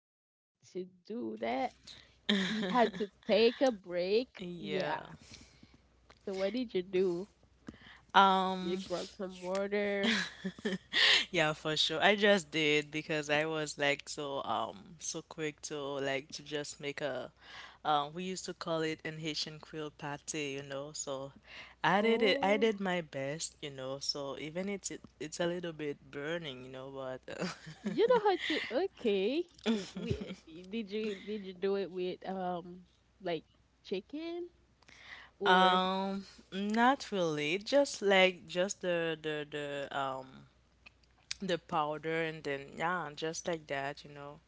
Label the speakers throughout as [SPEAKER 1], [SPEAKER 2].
[SPEAKER 1] we had to do that. We had to take a break. Yeah.
[SPEAKER 2] Yeah.
[SPEAKER 1] So what did you do? You
[SPEAKER 2] Um
[SPEAKER 1] grab some water.
[SPEAKER 2] yeah, for sure. I just did because I was like so quick to like to just make a we used to call it an Haitian Creole pate, you know. So I did it I
[SPEAKER 1] Oh,
[SPEAKER 2] did my best, you know. So even it's a little bit burning, you know, but
[SPEAKER 1] you know how to. Okay. We did you do it with like chicken or
[SPEAKER 2] um not really. Just like just the the powder and then yeah, just like that, you know,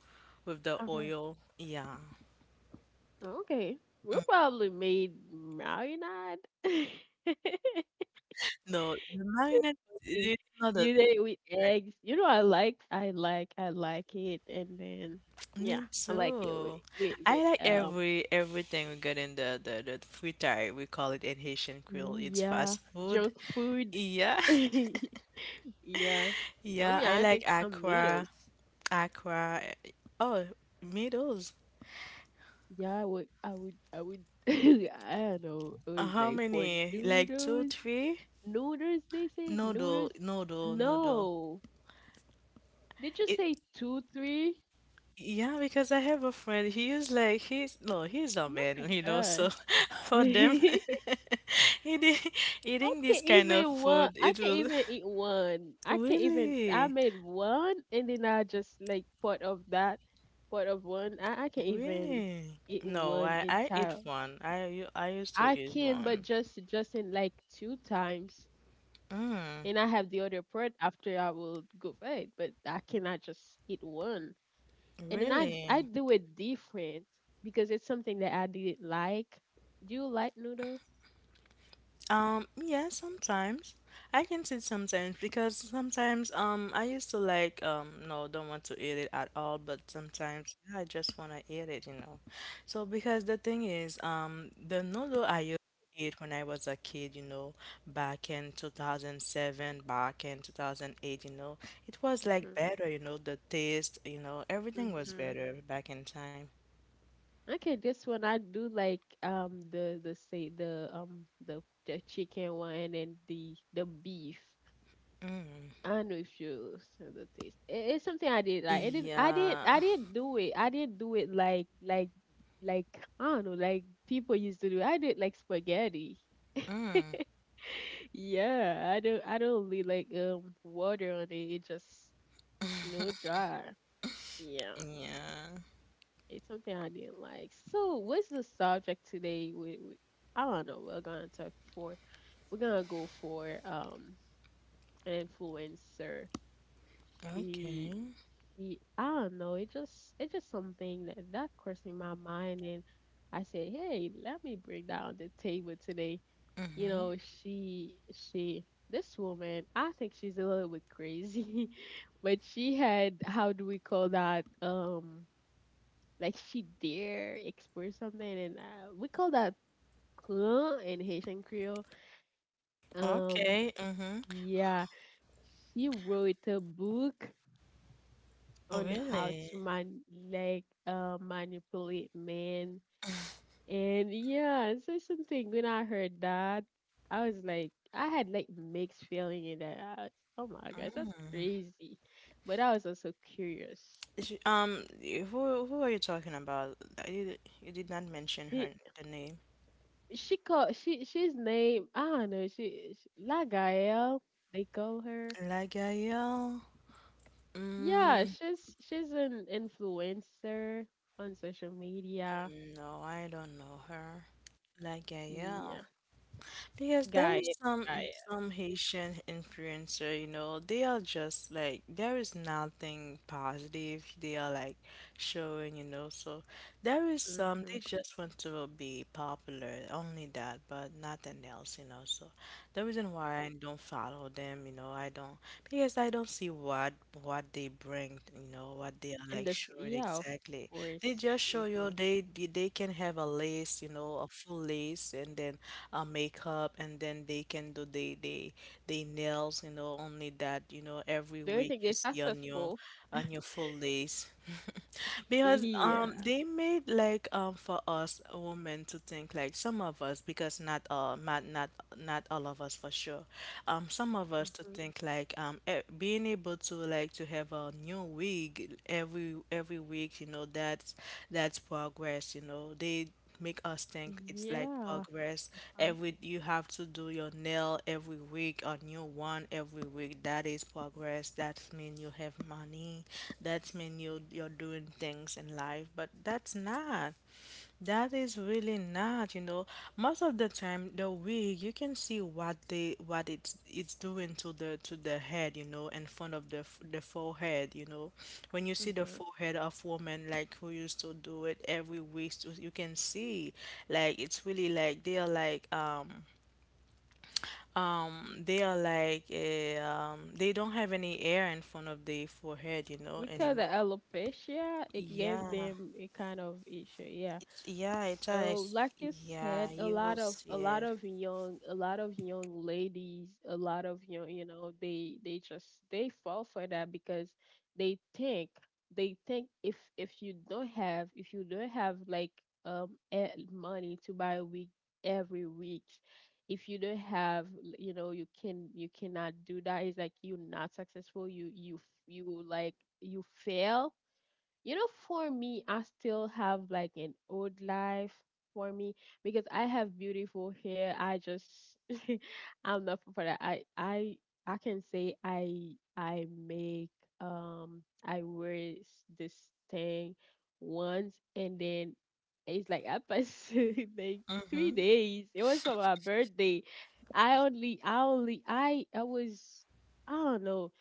[SPEAKER 2] with the
[SPEAKER 1] okay,
[SPEAKER 2] oil. Yeah.
[SPEAKER 1] okay, we probably made marinade.
[SPEAKER 2] No, the marinade
[SPEAKER 1] Okay.
[SPEAKER 2] it's not a
[SPEAKER 1] You did it with eggs. You know, I like it, and then yeah,
[SPEAKER 2] me
[SPEAKER 1] I like it with
[SPEAKER 2] too. I like everything we get in the fritai, we call it in Haitian Creole.
[SPEAKER 1] ooh,
[SPEAKER 2] It's
[SPEAKER 1] yeah,
[SPEAKER 2] fast food.
[SPEAKER 1] junk food.
[SPEAKER 2] Yeah.
[SPEAKER 1] Yeah, I
[SPEAKER 2] Yeah,
[SPEAKER 1] mean,
[SPEAKER 2] I
[SPEAKER 1] I
[SPEAKER 2] like
[SPEAKER 1] take some
[SPEAKER 2] aqua,
[SPEAKER 1] noodles.
[SPEAKER 2] aqua. Oh, noodles.
[SPEAKER 1] Yeah, I would. I don't know. It was
[SPEAKER 2] How
[SPEAKER 1] like for
[SPEAKER 2] many? Like two, three?
[SPEAKER 1] noodles. They say
[SPEAKER 2] Noodle,
[SPEAKER 1] noodles.
[SPEAKER 2] noodle, noodle.
[SPEAKER 1] No, did you say two, three?
[SPEAKER 2] Yeah, because I have a friend. He is like he's no, he's a
[SPEAKER 1] Oh
[SPEAKER 2] man, you know.
[SPEAKER 1] my
[SPEAKER 2] So
[SPEAKER 1] gosh.
[SPEAKER 2] for them, eating
[SPEAKER 1] I
[SPEAKER 2] eating
[SPEAKER 1] can
[SPEAKER 2] this
[SPEAKER 1] not
[SPEAKER 2] kind of
[SPEAKER 1] even one.
[SPEAKER 2] food,
[SPEAKER 1] I
[SPEAKER 2] it
[SPEAKER 1] can not
[SPEAKER 2] will
[SPEAKER 1] even eat one. I can not even. I
[SPEAKER 2] really,
[SPEAKER 1] made one, and then I just like part of that, part of one. I can even
[SPEAKER 2] really.
[SPEAKER 1] eat
[SPEAKER 2] No,
[SPEAKER 1] one
[SPEAKER 2] I eat
[SPEAKER 1] entire.
[SPEAKER 2] one. I used to
[SPEAKER 1] I
[SPEAKER 2] eat
[SPEAKER 1] can, but
[SPEAKER 2] one.
[SPEAKER 1] just in like two times,
[SPEAKER 2] Mm,
[SPEAKER 1] and I have the other part after I will go fed. But I cannot just eat one, and then I
[SPEAKER 2] really?
[SPEAKER 1] do it different because it's something that I didn't like. Do you like noodle?
[SPEAKER 2] Yeah, sometimes. I can say sometimes because sometimes I used to like no, don't want to eat it at all, but sometimes I just want to eat it, you know. So because the thing is, the noodle I used to eat when I was a kid, you know, back in 2007, back in 2008, you know, it was like
[SPEAKER 1] Mhm.
[SPEAKER 2] better, you know, the taste, you know, everything was
[SPEAKER 1] Mhm.
[SPEAKER 2] better back in time.
[SPEAKER 1] Okay, this one I do like the say the chicken one and then the beef.
[SPEAKER 2] Mm.
[SPEAKER 1] I know if you said the taste. It's something I did like. I didn't. I did.
[SPEAKER 2] Yeah.
[SPEAKER 1] I didn't do it. I didn't do it like like I don't know, like people used to do. I did like spaghetti.
[SPEAKER 2] Mm.
[SPEAKER 1] Yeah, I don't really like water on it. It just, you know, dry. Yeah,
[SPEAKER 2] Yeah.
[SPEAKER 1] it's something I didn't like. So what's the subject today? We I don't know. We're gonna talk for. We're gonna go for an influencer. She
[SPEAKER 2] Okay.
[SPEAKER 1] she I don't know. It just something that crossed in my mind, and I said, hey, let me bring that on the table today. you
[SPEAKER 2] Mhm.
[SPEAKER 1] know she she this woman, I think she's a little bit crazy. But she had, how do we call that, like, she dare express something, and we call that clan in Haitian Creole. um
[SPEAKER 2] Okay. Mhm.
[SPEAKER 1] yeah, she wrote a book on how
[SPEAKER 2] Really?
[SPEAKER 1] to manipulate men. And yeah, so something, when I heard that, I was like, I had like mixed feeling in that. I was, oh my gosh, that's
[SPEAKER 2] Mm.
[SPEAKER 1] crazy. But I was also curious.
[SPEAKER 2] Who are you talking about? You you did not mention
[SPEAKER 1] She
[SPEAKER 2] her the name.
[SPEAKER 1] she called she she's name, I don't know, she La Gael, they call her.
[SPEAKER 2] Lagayel.
[SPEAKER 1] Yeah,
[SPEAKER 2] Mm,
[SPEAKER 1] she's an influencer on social media.
[SPEAKER 2] no, I don't know her.
[SPEAKER 1] Yeah,
[SPEAKER 2] Lagayel. Because there is
[SPEAKER 1] Gael, Gael.
[SPEAKER 2] some Haitian influencer, you know, they are just like there is nothing positive they are like showing, you know. So there is some
[SPEAKER 1] Mm-hmm.
[SPEAKER 2] they just want to be popular, only that, but nothing else, you know. So the reason why I don't follow them, you know, I don't, because I don't see what they bring, you know, what they are
[SPEAKER 1] And
[SPEAKER 2] like
[SPEAKER 1] this,
[SPEAKER 2] showing
[SPEAKER 1] yeah, of
[SPEAKER 2] exactly. They
[SPEAKER 1] course.
[SPEAKER 2] just show
[SPEAKER 1] Mm-hmm.
[SPEAKER 2] you they they can have a lace, you know, a full lace, and then makeup, and then they can do they nails. You know, only that, you know, every
[SPEAKER 1] Do you
[SPEAKER 2] week
[SPEAKER 1] think they're
[SPEAKER 2] you see
[SPEAKER 1] successful?
[SPEAKER 2] on your full days, because
[SPEAKER 1] Yeah.
[SPEAKER 2] they made like for us women to think like some of us, because not not not all of us for sure, some of us to
[SPEAKER 1] Mm-hmm.
[SPEAKER 2] think like being able to like to have a new wig every week, you know. That's progress, you know. They make us think it's like
[SPEAKER 1] Yeah.
[SPEAKER 2] progress.
[SPEAKER 1] Huh?
[SPEAKER 2] Every, you have to do your nail every week, a new one every week. That is progress. That means you have money. That means you you're doing things in life. But that's not. That is really not, you know. Most of the time, the wig, you can see what they what it's doing to the head, you know, in front of the forehead, you know. When you see the
[SPEAKER 1] Mm-hmm.
[SPEAKER 2] forehead of women like who used to do it every week, so you can see like it's really like they are like they are like they don't have any air in front of the forehead, you know,
[SPEAKER 1] Because the
[SPEAKER 2] anymore.
[SPEAKER 1] alopecia, it gave
[SPEAKER 2] Yeah,
[SPEAKER 1] them a kind of issue. Yeah.
[SPEAKER 2] yeah, it
[SPEAKER 1] So,
[SPEAKER 2] does.
[SPEAKER 1] like you
[SPEAKER 2] Yeah,
[SPEAKER 1] said, a
[SPEAKER 2] you will
[SPEAKER 1] lot of
[SPEAKER 2] see
[SPEAKER 1] a lot
[SPEAKER 2] it.
[SPEAKER 1] of young ladies, a lot of young, they fall for that because they think they think if you don't have like, money to buy a week every week, if you don't have, you can, you cannot do that. It's like you're not successful. You like you fail, you know, for me, I still have like an old life for me because I have beautiful hair. I just. I'm not for that. I I can say I make I wear this thing once, and then it's like I passed like three
[SPEAKER 2] Mm-hmm.
[SPEAKER 1] days. It was for my birthday. I only I was, I don't know.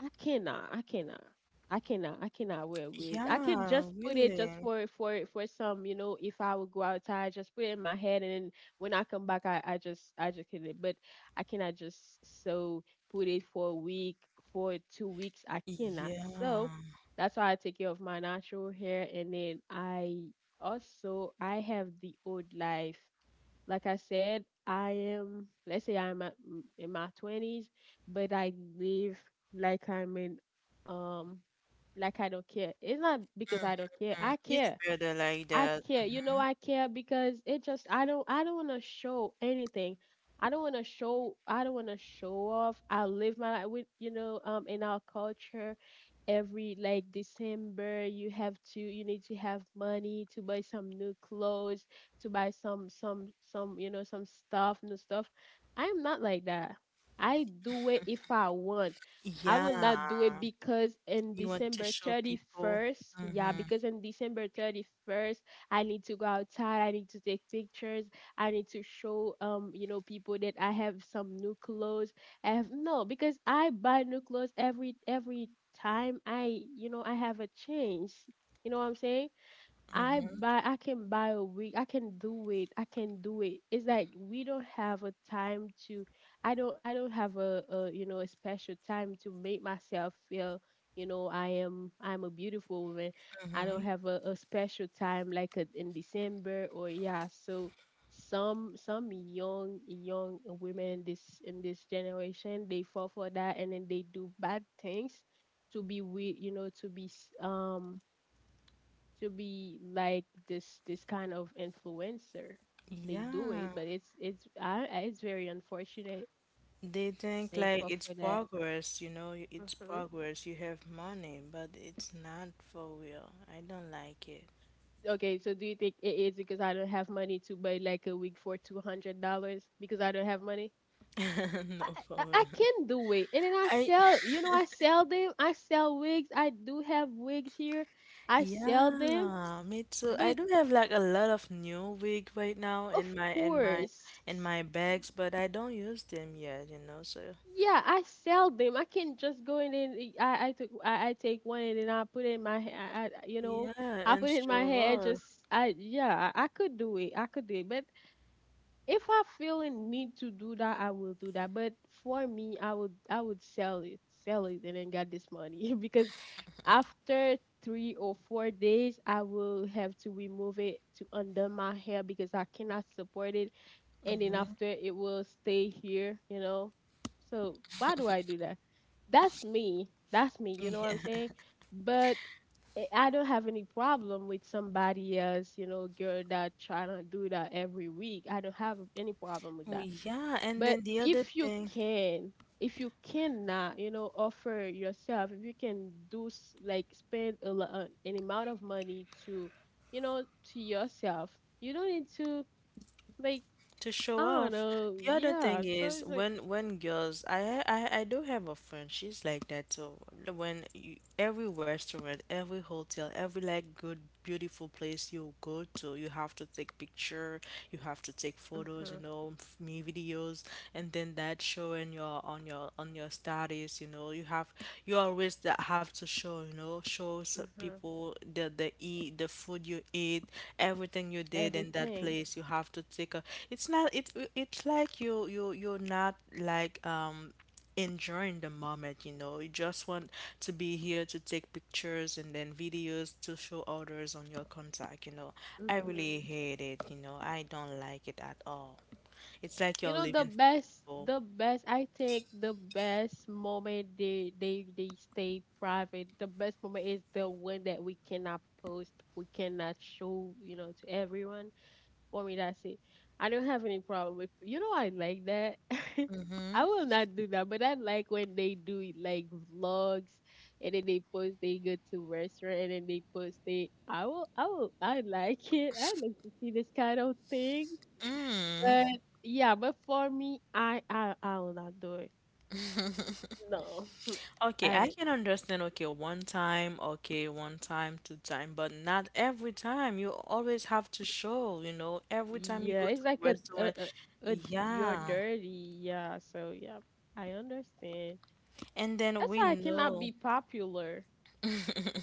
[SPEAKER 1] I cannot. I cannot. I cannot. I cannot wear a wig. I can
[SPEAKER 2] Yeah,
[SPEAKER 1] just put it, just
[SPEAKER 2] really.
[SPEAKER 1] for some, you know, if I would go outside, just put it in my head, and then when I come back, I just can it. But I cannot just so put it for a week, for 2 weeks. I cannot. So
[SPEAKER 2] Yeah.
[SPEAKER 1] that's why I take care of my natural hair, and then I also I have the old life. Like I said, I am, let's say, I'm at, in my 20s, but I live like I'm in, um, like, I don't care. It's not because I don't care.
[SPEAKER 2] Mm,
[SPEAKER 1] I
[SPEAKER 2] it's
[SPEAKER 1] care.
[SPEAKER 2] better like
[SPEAKER 1] I
[SPEAKER 2] that.
[SPEAKER 1] care. You know
[SPEAKER 2] Hmm.
[SPEAKER 1] I care, because it just, I don't wanna show anything. I don't wanna show off. I live my life with, in our culture, every, like, December, you have to, you need to have money to buy some new clothes, to buy some some stuff, new stuff. I am not like that. I do it if I want. I will not do
[SPEAKER 2] Yeah.
[SPEAKER 1] it because in
[SPEAKER 2] You want to
[SPEAKER 1] December
[SPEAKER 2] show people.
[SPEAKER 1] 31st, yeah,
[SPEAKER 2] Mm-hmm.
[SPEAKER 1] because in December 31st, I need to go outside. I need to take pictures. I need to show people that I have some new clothes. I have, no, because I buy new clothes every time I, I have a change. You know what I'm saying?
[SPEAKER 2] Mm-hmm.
[SPEAKER 1] I can buy a wig. I can do it. I can do it. It's like we don't have a time to. I don't have a, a special time to make myself feel, I'm a beautiful woman. I
[SPEAKER 2] Mm-hmm.
[SPEAKER 1] don't have a special time like a, in December, or yeah. So some young women in this generation, they fall for that, and then they do bad things to be with, to be to be like this kind of influencer. They do it,
[SPEAKER 2] Yeah.
[SPEAKER 1] but it's it's very unfortunate.
[SPEAKER 2] They think
[SPEAKER 1] They
[SPEAKER 2] like
[SPEAKER 1] fall
[SPEAKER 2] it's
[SPEAKER 1] for that.
[SPEAKER 2] progress, you know, it's
[SPEAKER 1] Hmm.
[SPEAKER 2] progress. You have money, but it's not for real. I don't like it.
[SPEAKER 1] Okay, so do you think it is because I don't have money to buy like a wig for $200, because I don't have money?
[SPEAKER 2] No,
[SPEAKER 1] I,
[SPEAKER 2] for
[SPEAKER 1] I
[SPEAKER 2] real.
[SPEAKER 1] can do it, and then I
[SPEAKER 2] I.
[SPEAKER 1] sell. I sell them. I sell wigs. I do have wigs here. I sell them,
[SPEAKER 2] Yeah, me too. I
[SPEAKER 1] but
[SPEAKER 2] do have like a lot of new wig right now in
[SPEAKER 1] of
[SPEAKER 2] my
[SPEAKER 1] course.
[SPEAKER 2] in my bags, but I don't use them yet, you know, so
[SPEAKER 1] Yeah, I sell them. I can just go in and I took, I take one, and then I put it in my I
[SPEAKER 2] yeah,
[SPEAKER 1] I
[SPEAKER 2] and
[SPEAKER 1] put it in my hair.
[SPEAKER 2] sure.
[SPEAKER 1] Just I, yeah, I could do it. I could do it. But if I feel a need to do that, I will do that. But for me, I would sell it, and then get this money. Because after 3 or 4 days, I will have to remove it to under my hair because I cannot support it, and then
[SPEAKER 2] Mhm.
[SPEAKER 1] after it will stay here. So why do I do that? That's me. That's me. You know what I'm saying? But I don't have any problem with somebody else, girl that try to do that every week. I don't have any problem with
[SPEAKER 2] Oh,
[SPEAKER 1] that.
[SPEAKER 2] yeah, and
[SPEAKER 1] But
[SPEAKER 2] then the other
[SPEAKER 1] if you
[SPEAKER 2] thing
[SPEAKER 1] can, if you cannot, offer yourself, if you can do like spend an amount of money you know, to yourself, you don't need to, like.
[SPEAKER 2] to show
[SPEAKER 1] Oh
[SPEAKER 2] off.
[SPEAKER 1] no,
[SPEAKER 2] The other
[SPEAKER 1] yeah.
[SPEAKER 2] thing
[SPEAKER 1] So
[SPEAKER 2] is
[SPEAKER 1] it's like,
[SPEAKER 2] when girls, I do have a friend. She's like that too. When you, every restaurant, every hotel, every like good beautiful place you go to, you have to take picture, you have to take photos, you
[SPEAKER 1] mhm,
[SPEAKER 2] know, me videos, and then that showing your on your on your studies, you know. You have you always that have to show, you know, show some
[SPEAKER 1] mhm,
[SPEAKER 2] people the eat the food you eat, everything you did in that
[SPEAKER 1] everything.
[SPEAKER 2] place, you have to take a, it's not, it's like you're not like enjoying the moment, you know. You just want to be here to take pictures and then videos to show others on your contact, you know. I
[SPEAKER 1] Mhm.
[SPEAKER 2] really hate it, you know. I don't like it at all. It's like
[SPEAKER 1] You
[SPEAKER 2] you're
[SPEAKER 1] know, the
[SPEAKER 2] living for
[SPEAKER 1] best,
[SPEAKER 2] people.
[SPEAKER 1] the best. I think the best moment, they stay private. The best moment is the one that we cannot post, we cannot show, to everyone. For me, that's it. I don't have any problem with, I like that. I will not do that, but I like when they do it, like vlogs, and then they post, they go to restaurant, and then they post, they I will, I like it. I like to see this kind of thing. But yeah, but for me, I will not do it. No.
[SPEAKER 2] Okay,
[SPEAKER 1] I
[SPEAKER 2] I
[SPEAKER 1] don't.
[SPEAKER 2] can understand, okay, one time, two time, but not every time. You always have to show, you know, every time you
[SPEAKER 1] Yeah,
[SPEAKER 2] go to
[SPEAKER 1] it's
[SPEAKER 2] a
[SPEAKER 1] like a, a,
[SPEAKER 2] restaurant.
[SPEAKER 1] a, a you're
[SPEAKER 2] Yeah.
[SPEAKER 1] dirty. Yeah, so yeah, I understand.
[SPEAKER 2] And then
[SPEAKER 1] That's
[SPEAKER 2] we
[SPEAKER 1] why I cannot
[SPEAKER 2] know
[SPEAKER 1] be popular.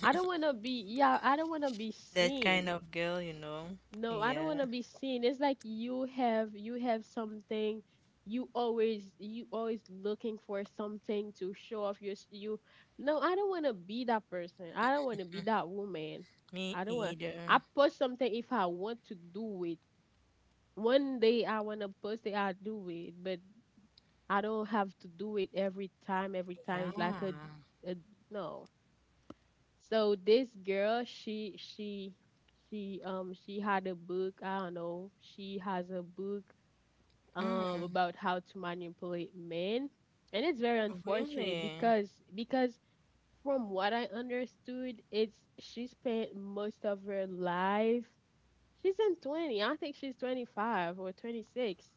[SPEAKER 1] I don't want to be, yeah, I don't want to be
[SPEAKER 2] that kind
[SPEAKER 1] seen.
[SPEAKER 2] of girl, you know.
[SPEAKER 1] No, I don't
[SPEAKER 2] Yeah.
[SPEAKER 1] want to be seen. It's like you have something. You always looking for something to show off your you. No, I don't want to be that person. I don't want to be that woman.
[SPEAKER 2] Me
[SPEAKER 1] I don't want I
[SPEAKER 2] either.
[SPEAKER 1] post something if I want to do it. One day I want to post it, I do it, but I don't have to do it every time. Every time
[SPEAKER 2] Yeah.
[SPEAKER 1] it's like a, no. So this girl, she had a book. I don't know. She has a book
[SPEAKER 2] Mm,
[SPEAKER 1] about how to manipulate men, and it's very unfortunate
[SPEAKER 2] really?
[SPEAKER 1] because from what I understood, it's she spent most of her life. She's in 20. I think she's 25 or 26,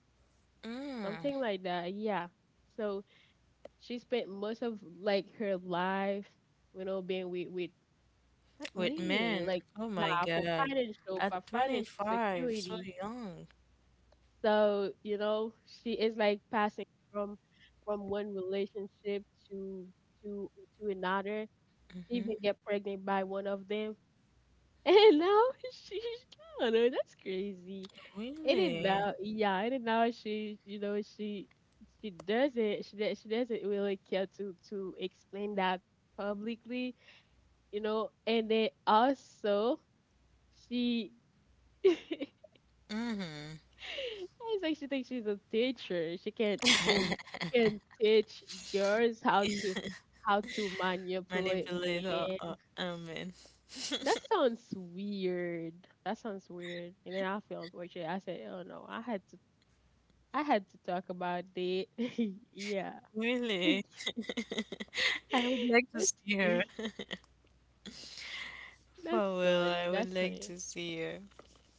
[SPEAKER 2] Mm,
[SPEAKER 1] something like that. Yeah. So she spent most of like her life, being with like
[SPEAKER 2] with
[SPEAKER 1] me,
[SPEAKER 2] men.
[SPEAKER 1] like
[SPEAKER 2] Oh my
[SPEAKER 1] yeah,
[SPEAKER 2] God. At
[SPEAKER 1] for financial
[SPEAKER 2] 25, so
[SPEAKER 1] security.
[SPEAKER 2] young.
[SPEAKER 1] So, you know, she is like passing from from one relationship to to to another. She even get pregnant by one of them. And now she's I don't know, that's crazy. And then
[SPEAKER 2] Really?
[SPEAKER 1] now yeah, and then now she doesn't she doesn't really care to explain that publicly, you know, and then also she it's
[SPEAKER 2] Mm-hmm.
[SPEAKER 1] like she thinks she's a teacher. She can she can she can teach girls how to manipulate
[SPEAKER 2] Manipulator or
[SPEAKER 1] men.
[SPEAKER 2] amen.
[SPEAKER 1] That sounds weird. That sounds weird. And then I feel unfortunate. I said, "Oh no, I had to talk about it." Yeah.
[SPEAKER 2] Really? I would like to
[SPEAKER 1] that's
[SPEAKER 2] see her.
[SPEAKER 1] that's
[SPEAKER 2] For real,
[SPEAKER 1] funny.
[SPEAKER 2] I would
[SPEAKER 1] That's
[SPEAKER 2] like
[SPEAKER 1] funny.
[SPEAKER 2] to see her.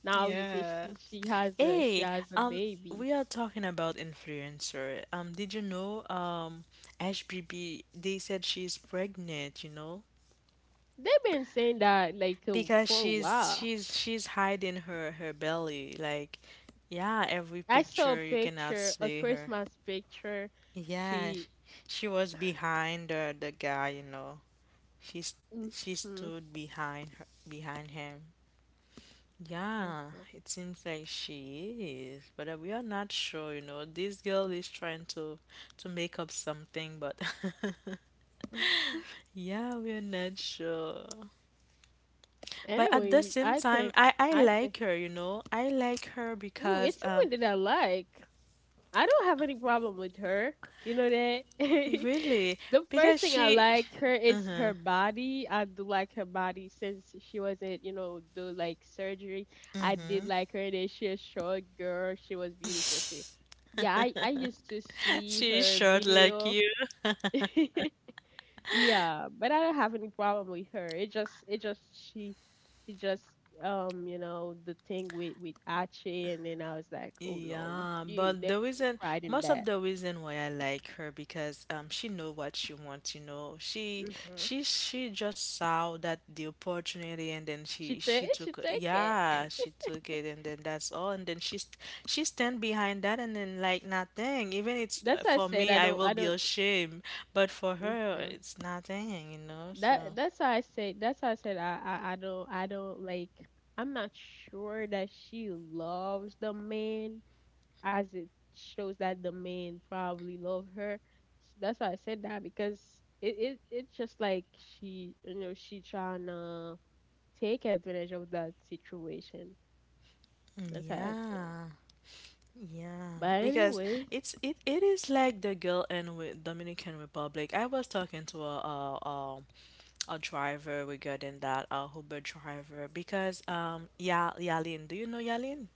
[SPEAKER 1] Now you see
[SPEAKER 2] Yeah.
[SPEAKER 1] she
[SPEAKER 2] Hey,
[SPEAKER 1] has a
[SPEAKER 2] um,
[SPEAKER 1] baby.
[SPEAKER 2] we are talking about influencer. Did you know, HBB, they said she's pregnant, you know?
[SPEAKER 1] They've been saying that like
[SPEAKER 2] Because
[SPEAKER 1] for a while.
[SPEAKER 2] she's hiding her her belly. Like, yeah, every
[SPEAKER 1] I saw a
[SPEAKER 2] picture you cannot
[SPEAKER 1] picture, a
[SPEAKER 2] see her.
[SPEAKER 1] Christmas picture.
[SPEAKER 2] Yeah,
[SPEAKER 1] She.
[SPEAKER 2] she was behind the guy, you know. She's she
[SPEAKER 1] Mhm,
[SPEAKER 2] stood behind her behind him. Yeah,
[SPEAKER 1] mhm.
[SPEAKER 2] it seems like she is, but we are not sure, you know. This girl is trying to make up something, but yeah, we are not sure. But at the
[SPEAKER 1] Anyway,
[SPEAKER 2] same time, I
[SPEAKER 1] I think.
[SPEAKER 2] like her, you know. I like her
[SPEAKER 1] Ooh,
[SPEAKER 2] because
[SPEAKER 1] it's someone that I like. I don't have any problem with her. You know that.
[SPEAKER 2] really
[SPEAKER 1] The
[SPEAKER 2] because
[SPEAKER 1] first thing I
[SPEAKER 2] she
[SPEAKER 1] like her is her body. I do like her body since she wasn't, you know, do like surgery. I did like her. That she a short girl. She was beautiful. She, yeah. I used to see
[SPEAKER 2] she is
[SPEAKER 1] her
[SPEAKER 2] short like
[SPEAKER 1] video.
[SPEAKER 2] you.
[SPEAKER 1] Yeah, but I don't have any problem with her. It just She just you know, the thing with Achi and then I was like, "Oh no,
[SPEAKER 2] Yeah,
[SPEAKER 1] you
[SPEAKER 2] but
[SPEAKER 1] there's
[SPEAKER 2] the
[SPEAKER 1] no
[SPEAKER 2] reason,
[SPEAKER 1] pride in
[SPEAKER 2] most of
[SPEAKER 1] that."
[SPEAKER 2] the reason why I like her because she know what she wants, you know.
[SPEAKER 1] Hmm.
[SPEAKER 2] She just saw that the opportunity, and then she
[SPEAKER 1] She
[SPEAKER 2] took,
[SPEAKER 1] take it.
[SPEAKER 2] yeah, she took it, and then that's all, and then she stand behind that and then like nothing. Even it's
[SPEAKER 1] That's why
[SPEAKER 2] for me, I will
[SPEAKER 1] I
[SPEAKER 2] be
[SPEAKER 1] don't.
[SPEAKER 2] ashamed, but for her
[SPEAKER 1] Hmm.
[SPEAKER 2] it's nothing, you know. So,
[SPEAKER 1] That's why I said I don't I'm not sure that she loves the man as it shows that the man probably love her. That's why I said that because it's just like she you know she trying to take advantage of that situation.
[SPEAKER 2] mm,
[SPEAKER 1] That's how I think.
[SPEAKER 2] yeah. Yeah,
[SPEAKER 1] But
[SPEAKER 2] because
[SPEAKER 1] anyway,
[SPEAKER 2] it is like the girl in with Dominican Republic. I was talking to a driver regarding that, a Uber driver, because yeah, Yalin, do you know Yalin?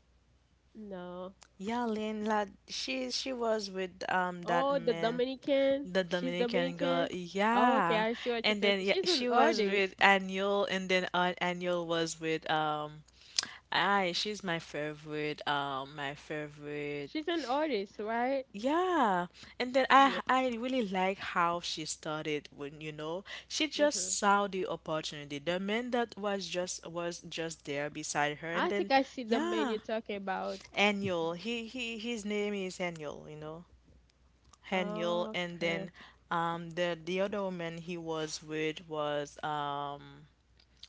[SPEAKER 1] no.
[SPEAKER 2] Yalin, like she was with that
[SPEAKER 1] Oh, the
[SPEAKER 2] man,
[SPEAKER 1] Dominican.
[SPEAKER 2] the
[SPEAKER 1] She's
[SPEAKER 2] Dominican girl.
[SPEAKER 1] Dominican. Oh, okay.
[SPEAKER 2] Yeah,
[SPEAKER 1] I see what you're
[SPEAKER 2] and then
[SPEAKER 1] thinking.
[SPEAKER 2] yeah,
[SPEAKER 1] She's an
[SPEAKER 2] she was
[SPEAKER 1] artist.
[SPEAKER 2] with Anil, and then Anil was with I she's my favorite my favorite.
[SPEAKER 1] She's an artist, right?
[SPEAKER 2] Yeah, and then
[SPEAKER 1] Yeah.
[SPEAKER 2] I really like how she started when you know she
[SPEAKER 1] Hmm.
[SPEAKER 2] just saw the opportunity. The man that was just there beside her, and
[SPEAKER 1] I think
[SPEAKER 2] then
[SPEAKER 1] I see the man you're
[SPEAKER 2] yeah,
[SPEAKER 1] talking about.
[SPEAKER 2] Annual. He his name is Annual. You know, Annual,
[SPEAKER 1] Oh,
[SPEAKER 2] and
[SPEAKER 1] okay.
[SPEAKER 2] then the other woman he was with was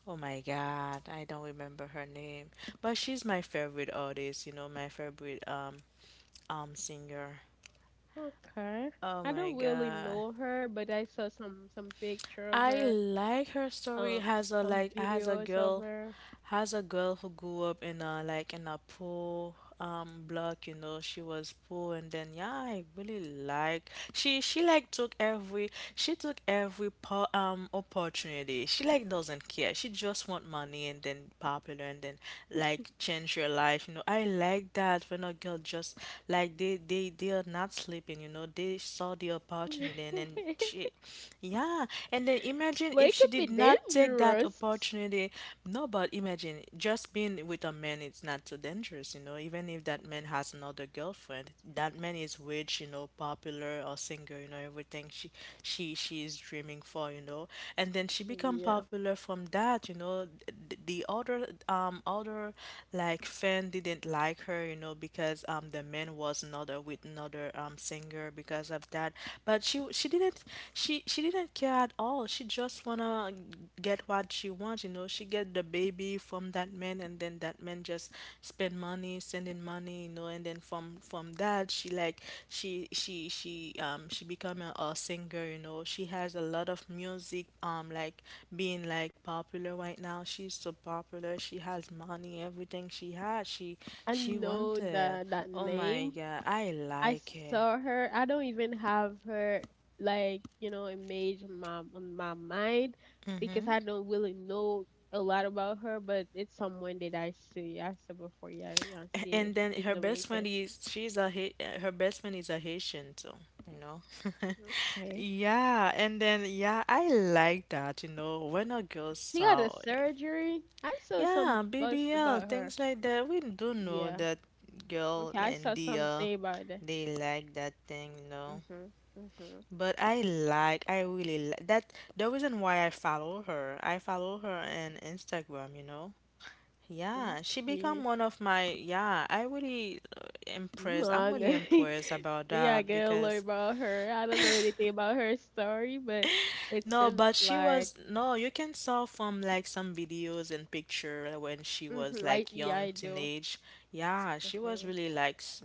[SPEAKER 2] oh my God, I don't remember her name, but she's my favorite artist. You know, my favorite singer.
[SPEAKER 1] Okay.
[SPEAKER 2] Oh
[SPEAKER 1] I
[SPEAKER 2] my
[SPEAKER 1] don't really
[SPEAKER 2] God.
[SPEAKER 1] know her, but I saw some picture of
[SPEAKER 2] I
[SPEAKER 1] her,
[SPEAKER 2] like her story
[SPEAKER 1] um,
[SPEAKER 2] has a
[SPEAKER 1] some
[SPEAKER 2] like has a
[SPEAKER 1] videos of
[SPEAKER 2] girl,
[SPEAKER 1] her.
[SPEAKER 2] has a girl who grew up in a like in a poor block, you know. She was poor, and then yeah, I really like she like took every she took every po opportunity. She like doesn't care. She just want money and then popular and then like change your life, you know. I like that when a girl just like they are not sleeping, you know. They saw the opportunity, and then she, yeah, and then imagine
[SPEAKER 1] But
[SPEAKER 2] if
[SPEAKER 1] it can
[SPEAKER 2] she
[SPEAKER 1] be
[SPEAKER 2] did not take that
[SPEAKER 1] dangerous.
[SPEAKER 2] opportunity. No, but imagine just being with a man, it's not so dangerous, you know. Even if that man has another girlfriend, that man is rich, you know, popular or singer, you know, everything she is dreaming for, you know. And then she become
[SPEAKER 1] Yeah.
[SPEAKER 2] popular from that, you know. The other other like fan didn't like her, you know, because the man was another with another singer. Because of that. But she didn't she didn't care at all. She just wanna get what she wants, you know. She get the baby from that man, and then that man just spend money, sending money, you know. And then from that, she like she become a singer, you know. She has a lot of music like being like popular right now. She's so popular. She has money, everything she has.
[SPEAKER 1] I
[SPEAKER 2] She
[SPEAKER 1] know
[SPEAKER 2] wanted.
[SPEAKER 1] that that
[SPEAKER 2] Oh my
[SPEAKER 1] name.
[SPEAKER 2] God, I
[SPEAKER 1] I
[SPEAKER 2] like it.
[SPEAKER 1] saw her. I don't even have her like, you know, image on my mind because I don't really know a lot about her, but it's someone that I see. I saw before, yeah, I see.
[SPEAKER 2] And then
[SPEAKER 1] She's
[SPEAKER 2] her best friend
[SPEAKER 1] Dominican.
[SPEAKER 2] is her best friend is a Haitian too, you know.
[SPEAKER 1] Okay.
[SPEAKER 2] Yeah, and then yeah, I like that, you know, when a girl
[SPEAKER 1] She got a
[SPEAKER 2] saw,
[SPEAKER 1] surgery. I saw
[SPEAKER 2] yeah,
[SPEAKER 1] some buzz
[SPEAKER 2] BBL,
[SPEAKER 1] about her.
[SPEAKER 2] things like that. We do know
[SPEAKER 1] Yeah.
[SPEAKER 2] that girl
[SPEAKER 1] Okay, I
[SPEAKER 2] and
[SPEAKER 1] saw something about that.
[SPEAKER 2] they like that thing, you know.
[SPEAKER 1] Mhm. Mhm.
[SPEAKER 2] But I really like that. The reason why I follow her on Instagram, you know. Yeah, she become
[SPEAKER 1] Okay.
[SPEAKER 2] one of my yeah, I really impressed. I'm
[SPEAKER 1] Mm,
[SPEAKER 2] really impressed about
[SPEAKER 1] yeah, I
[SPEAKER 2] that
[SPEAKER 1] gotta learn
[SPEAKER 2] because
[SPEAKER 1] about her. I don't know anything about her story, but it
[SPEAKER 2] no,
[SPEAKER 1] seems
[SPEAKER 2] but she
[SPEAKER 1] like,
[SPEAKER 2] was no, you can saw from like some videos and picture when she
[SPEAKER 1] mhm,
[SPEAKER 2] was
[SPEAKER 1] like
[SPEAKER 2] like
[SPEAKER 1] yeah,
[SPEAKER 2] young
[SPEAKER 1] I do.
[SPEAKER 2] teenage. Yeah, she was
[SPEAKER 1] Mhm.
[SPEAKER 2] really like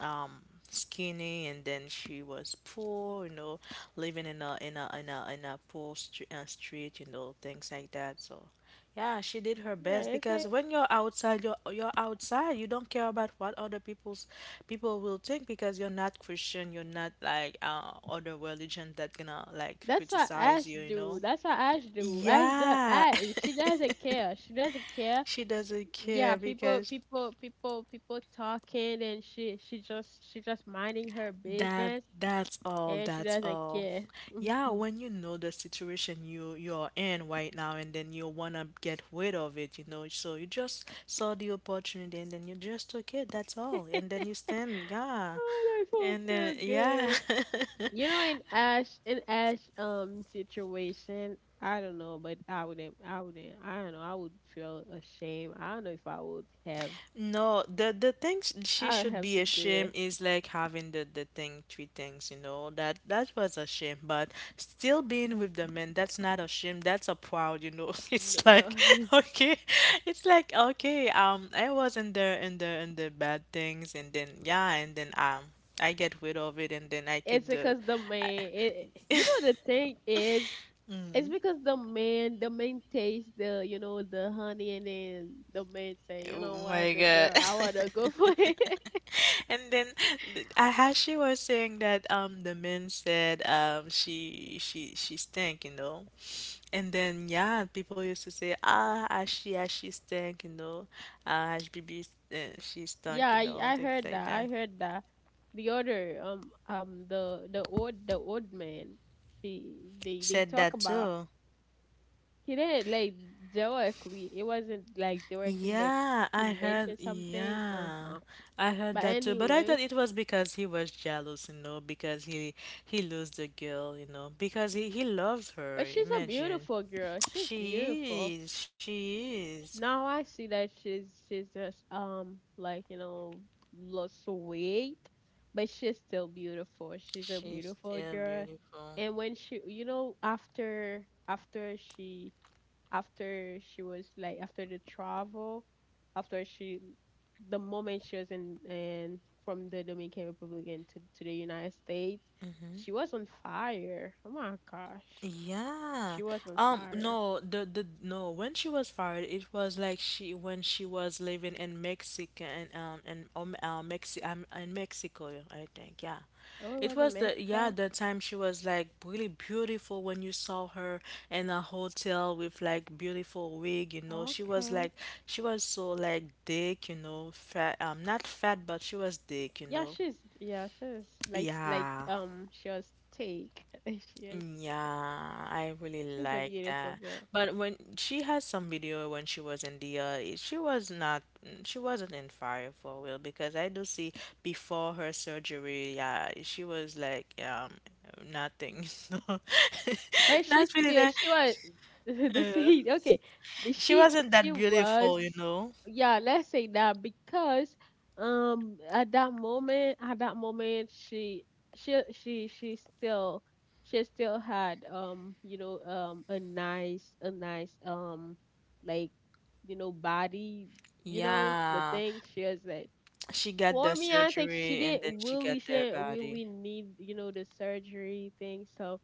[SPEAKER 2] um skinny and then she was poor, you know, living in a poor st street, you know, things like that. So yeah, she did her
[SPEAKER 1] Yeah,
[SPEAKER 2] best
[SPEAKER 1] it's
[SPEAKER 2] because
[SPEAKER 1] like
[SPEAKER 2] when you're outside, you're outside. You don't care about what other people's people will think because you're not Christian. You're not like other religion that gonna like
[SPEAKER 1] that's what
[SPEAKER 2] criticize
[SPEAKER 1] Ash
[SPEAKER 2] you. You
[SPEAKER 1] do.
[SPEAKER 2] know?
[SPEAKER 1] That's what Ash do. Ash the
[SPEAKER 2] Yeah,
[SPEAKER 1] Ash. She doesn't care. She doesn't care,
[SPEAKER 2] she doesn't
[SPEAKER 1] yeah.
[SPEAKER 2] care because
[SPEAKER 1] People talking and she just minding her
[SPEAKER 2] That
[SPEAKER 1] business
[SPEAKER 2] that's all,
[SPEAKER 1] and she
[SPEAKER 2] that's
[SPEAKER 1] doesn't
[SPEAKER 2] all.
[SPEAKER 1] care.
[SPEAKER 2] Yeah,
[SPEAKER 1] Mhm.
[SPEAKER 2] when you know the situation you're in right now and then you wanna get rid of it, you know, so you just saw the opportunity and then you just took it, that's all. And then you stand, yeah.
[SPEAKER 1] Oh, I don't
[SPEAKER 2] And then
[SPEAKER 1] feel
[SPEAKER 2] yeah.
[SPEAKER 1] good. You know, in ash situation, I don't know, but I don't know, I would feel ashamed. I don't know if I would have
[SPEAKER 2] No, the thing she
[SPEAKER 1] I would
[SPEAKER 2] should
[SPEAKER 1] have
[SPEAKER 2] be
[SPEAKER 1] to do
[SPEAKER 2] ashamed
[SPEAKER 1] that.
[SPEAKER 2] is like having the thing three things, you know. That was a shame, but still being with
[SPEAKER 1] Mm,
[SPEAKER 2] the men, that's not a shame. That's a proud, you know.
[SPEAKER 1] no,
[SPEAKER 2] It's like
[SPEAKER 1] no.
[SPEAKER 2] okay, it's like okay. I was in the bad things, and then yeah, and then I get rid of it, and then I
[SPEAKER 1] It's
[SPEAKER 2] keep the.
[SPEAKER 1] because the man it, you know, the thing is. It's because the man taste the, you know, the honey, and then the man say, you
[SPEAKER 2] Oh
[SPEAKER 1] know what,
[SPEAKER 2] my
[SPEAKER 1] the
[SPEAKER 2] God.
[SPEAKER 1] girl, I wanna go for it.
[SPEAKER 2] And then as she was saying that, the men said, she stank, you know. And then yeah, people used to say, ah, as she stank, you know, ah, as BB uh, she
[SPEAKER 1] Yeah,
[SPEAKER 2] stunk, you know,
[SPEAKER 1] I
[SPEAKER 2] things
[SPEAKER 1] heard
[SPEAKER 2] like
[SPEAKER 1] that. I
[SPEAKER 2] that.
[SPEAKER 1] heard that. The other, the the old man, she they
[SPEAKER 2] Said
[SPEAKER 1] talk
[SPEAKER 2] that
[SPEAKER 1] about
[SPEAKER 2] too.
[SPEAKER 1] he didn't like directly. It wasn't like directly, but
[SPEAKER 2] Yeah,
[SPEAKER 1] he
[SPEAKER 2] I heard.
[SPEAKER 1] mentioned something. Uh
[SPEAKER 2] Yeah,
[SPEAKER 1] huh.
[SPEAKER 2] I heard
[SPEAKER 1] But
[SPEAKER 2] that too. But I thought
[SPEAKER 1] anyway,
[SPEAKER 2] it was because he was jealous, you know, because he lost the girl, you know, because he loves her.
[SPEAKER 1] but she's a
[SPEAKER 2] Imagine.
[SPEAKER 1] beautiful girl. She's beautiful.
[SPEAKER 2] She is. She is.
[SPEAKER 1] Now I see that she's just like you know lost some weight, but she's still beautiful. She's a
[SPEAKER 2] She's
[SPEAKER 1] beautiful
[SPEAKER 2] still
[SPEAKER 1] girl,
[SPEAKER 2] beautiful.
[SPEAKER 1] and when she you know after she was like after the travel, after she the moment she was in and from the Dominican Republic into to the United States, she was on fire. Oh my gosh,
[SPEAKER 2] Yeah.
[SPEAKER 1] she was on fire.
[SPEAKER 2] No. The No. When she was fired, it was like she when she was living in Mexico and Mexi in Mexico, I think. Yeah.
[SPEAKER 1] Oh, it
[SPEAKER 2] It
[SPEAKER 1] was
[SPEAKER 2] was
[SPEAKER 1] in
[SPEAKER 2] the yeah
[SPEAKER 1] Mexico.
[SPEAKER 2] the time she was like really beautiful when you saw her in a hotel with like beautiful wig. You know, she was
[SPEAKER 1] Okay.
[SPEAKER 2] like she was so like thick. You know, fat. Not fat, but she was thick. You know.
[SPEAKER 1] Yeah, she's like
[SPEAKER 2] Yeah,
[SPEAKER 1] she was take. She is
[SPEAKER 2] mm, yeah, I really
[SPEAKER 1] she's a
[SPEAKER 2] like
[SPEAKER 1] beautiful
[SPEAKER 2] that.
[SPEAKER 1] girl.
[SPEAKER 2] But when she has some video when she was in the, she was not, mm, she wasn't in fire for a while because I do see before her surgery, yeah, she was like, nothing. So,
[SPEAKER 1] But she
[SPEAKER 2] not really
[SPEAKER 1] still
[SPEAKER 2] that.
[SPEAKER 1] she was the
[SPEAKER 2] Uh,
[SPEAKER 1] same, okay. But
[SPEAKER 2] she wasn't
[SPEAKER 1] she
[SPEAKER 2] that
[SPEAKER 1] was,
[SPEAKER 2] beautiful, you know.
[SPEAKER 1] yeah, let's say that because at that moment she still had you know a nice like you know body. You know the
[SPEAKER 2] Yeah,
[SPEAKER 1] thing she was like.
[SPEAKER 2] she got
[SPEAKER 1] For
[SPEAKER 2] the
[SPEAKER 1] me, I think
[SPEAKER 2] surgery and then she got
[SPEAKER 1] she
[SPEAKER 2] the
[SPEAKER 1] didn't
[SPEAKER 2] body.
[SPEAKER 1] really need you know the surgery thing. So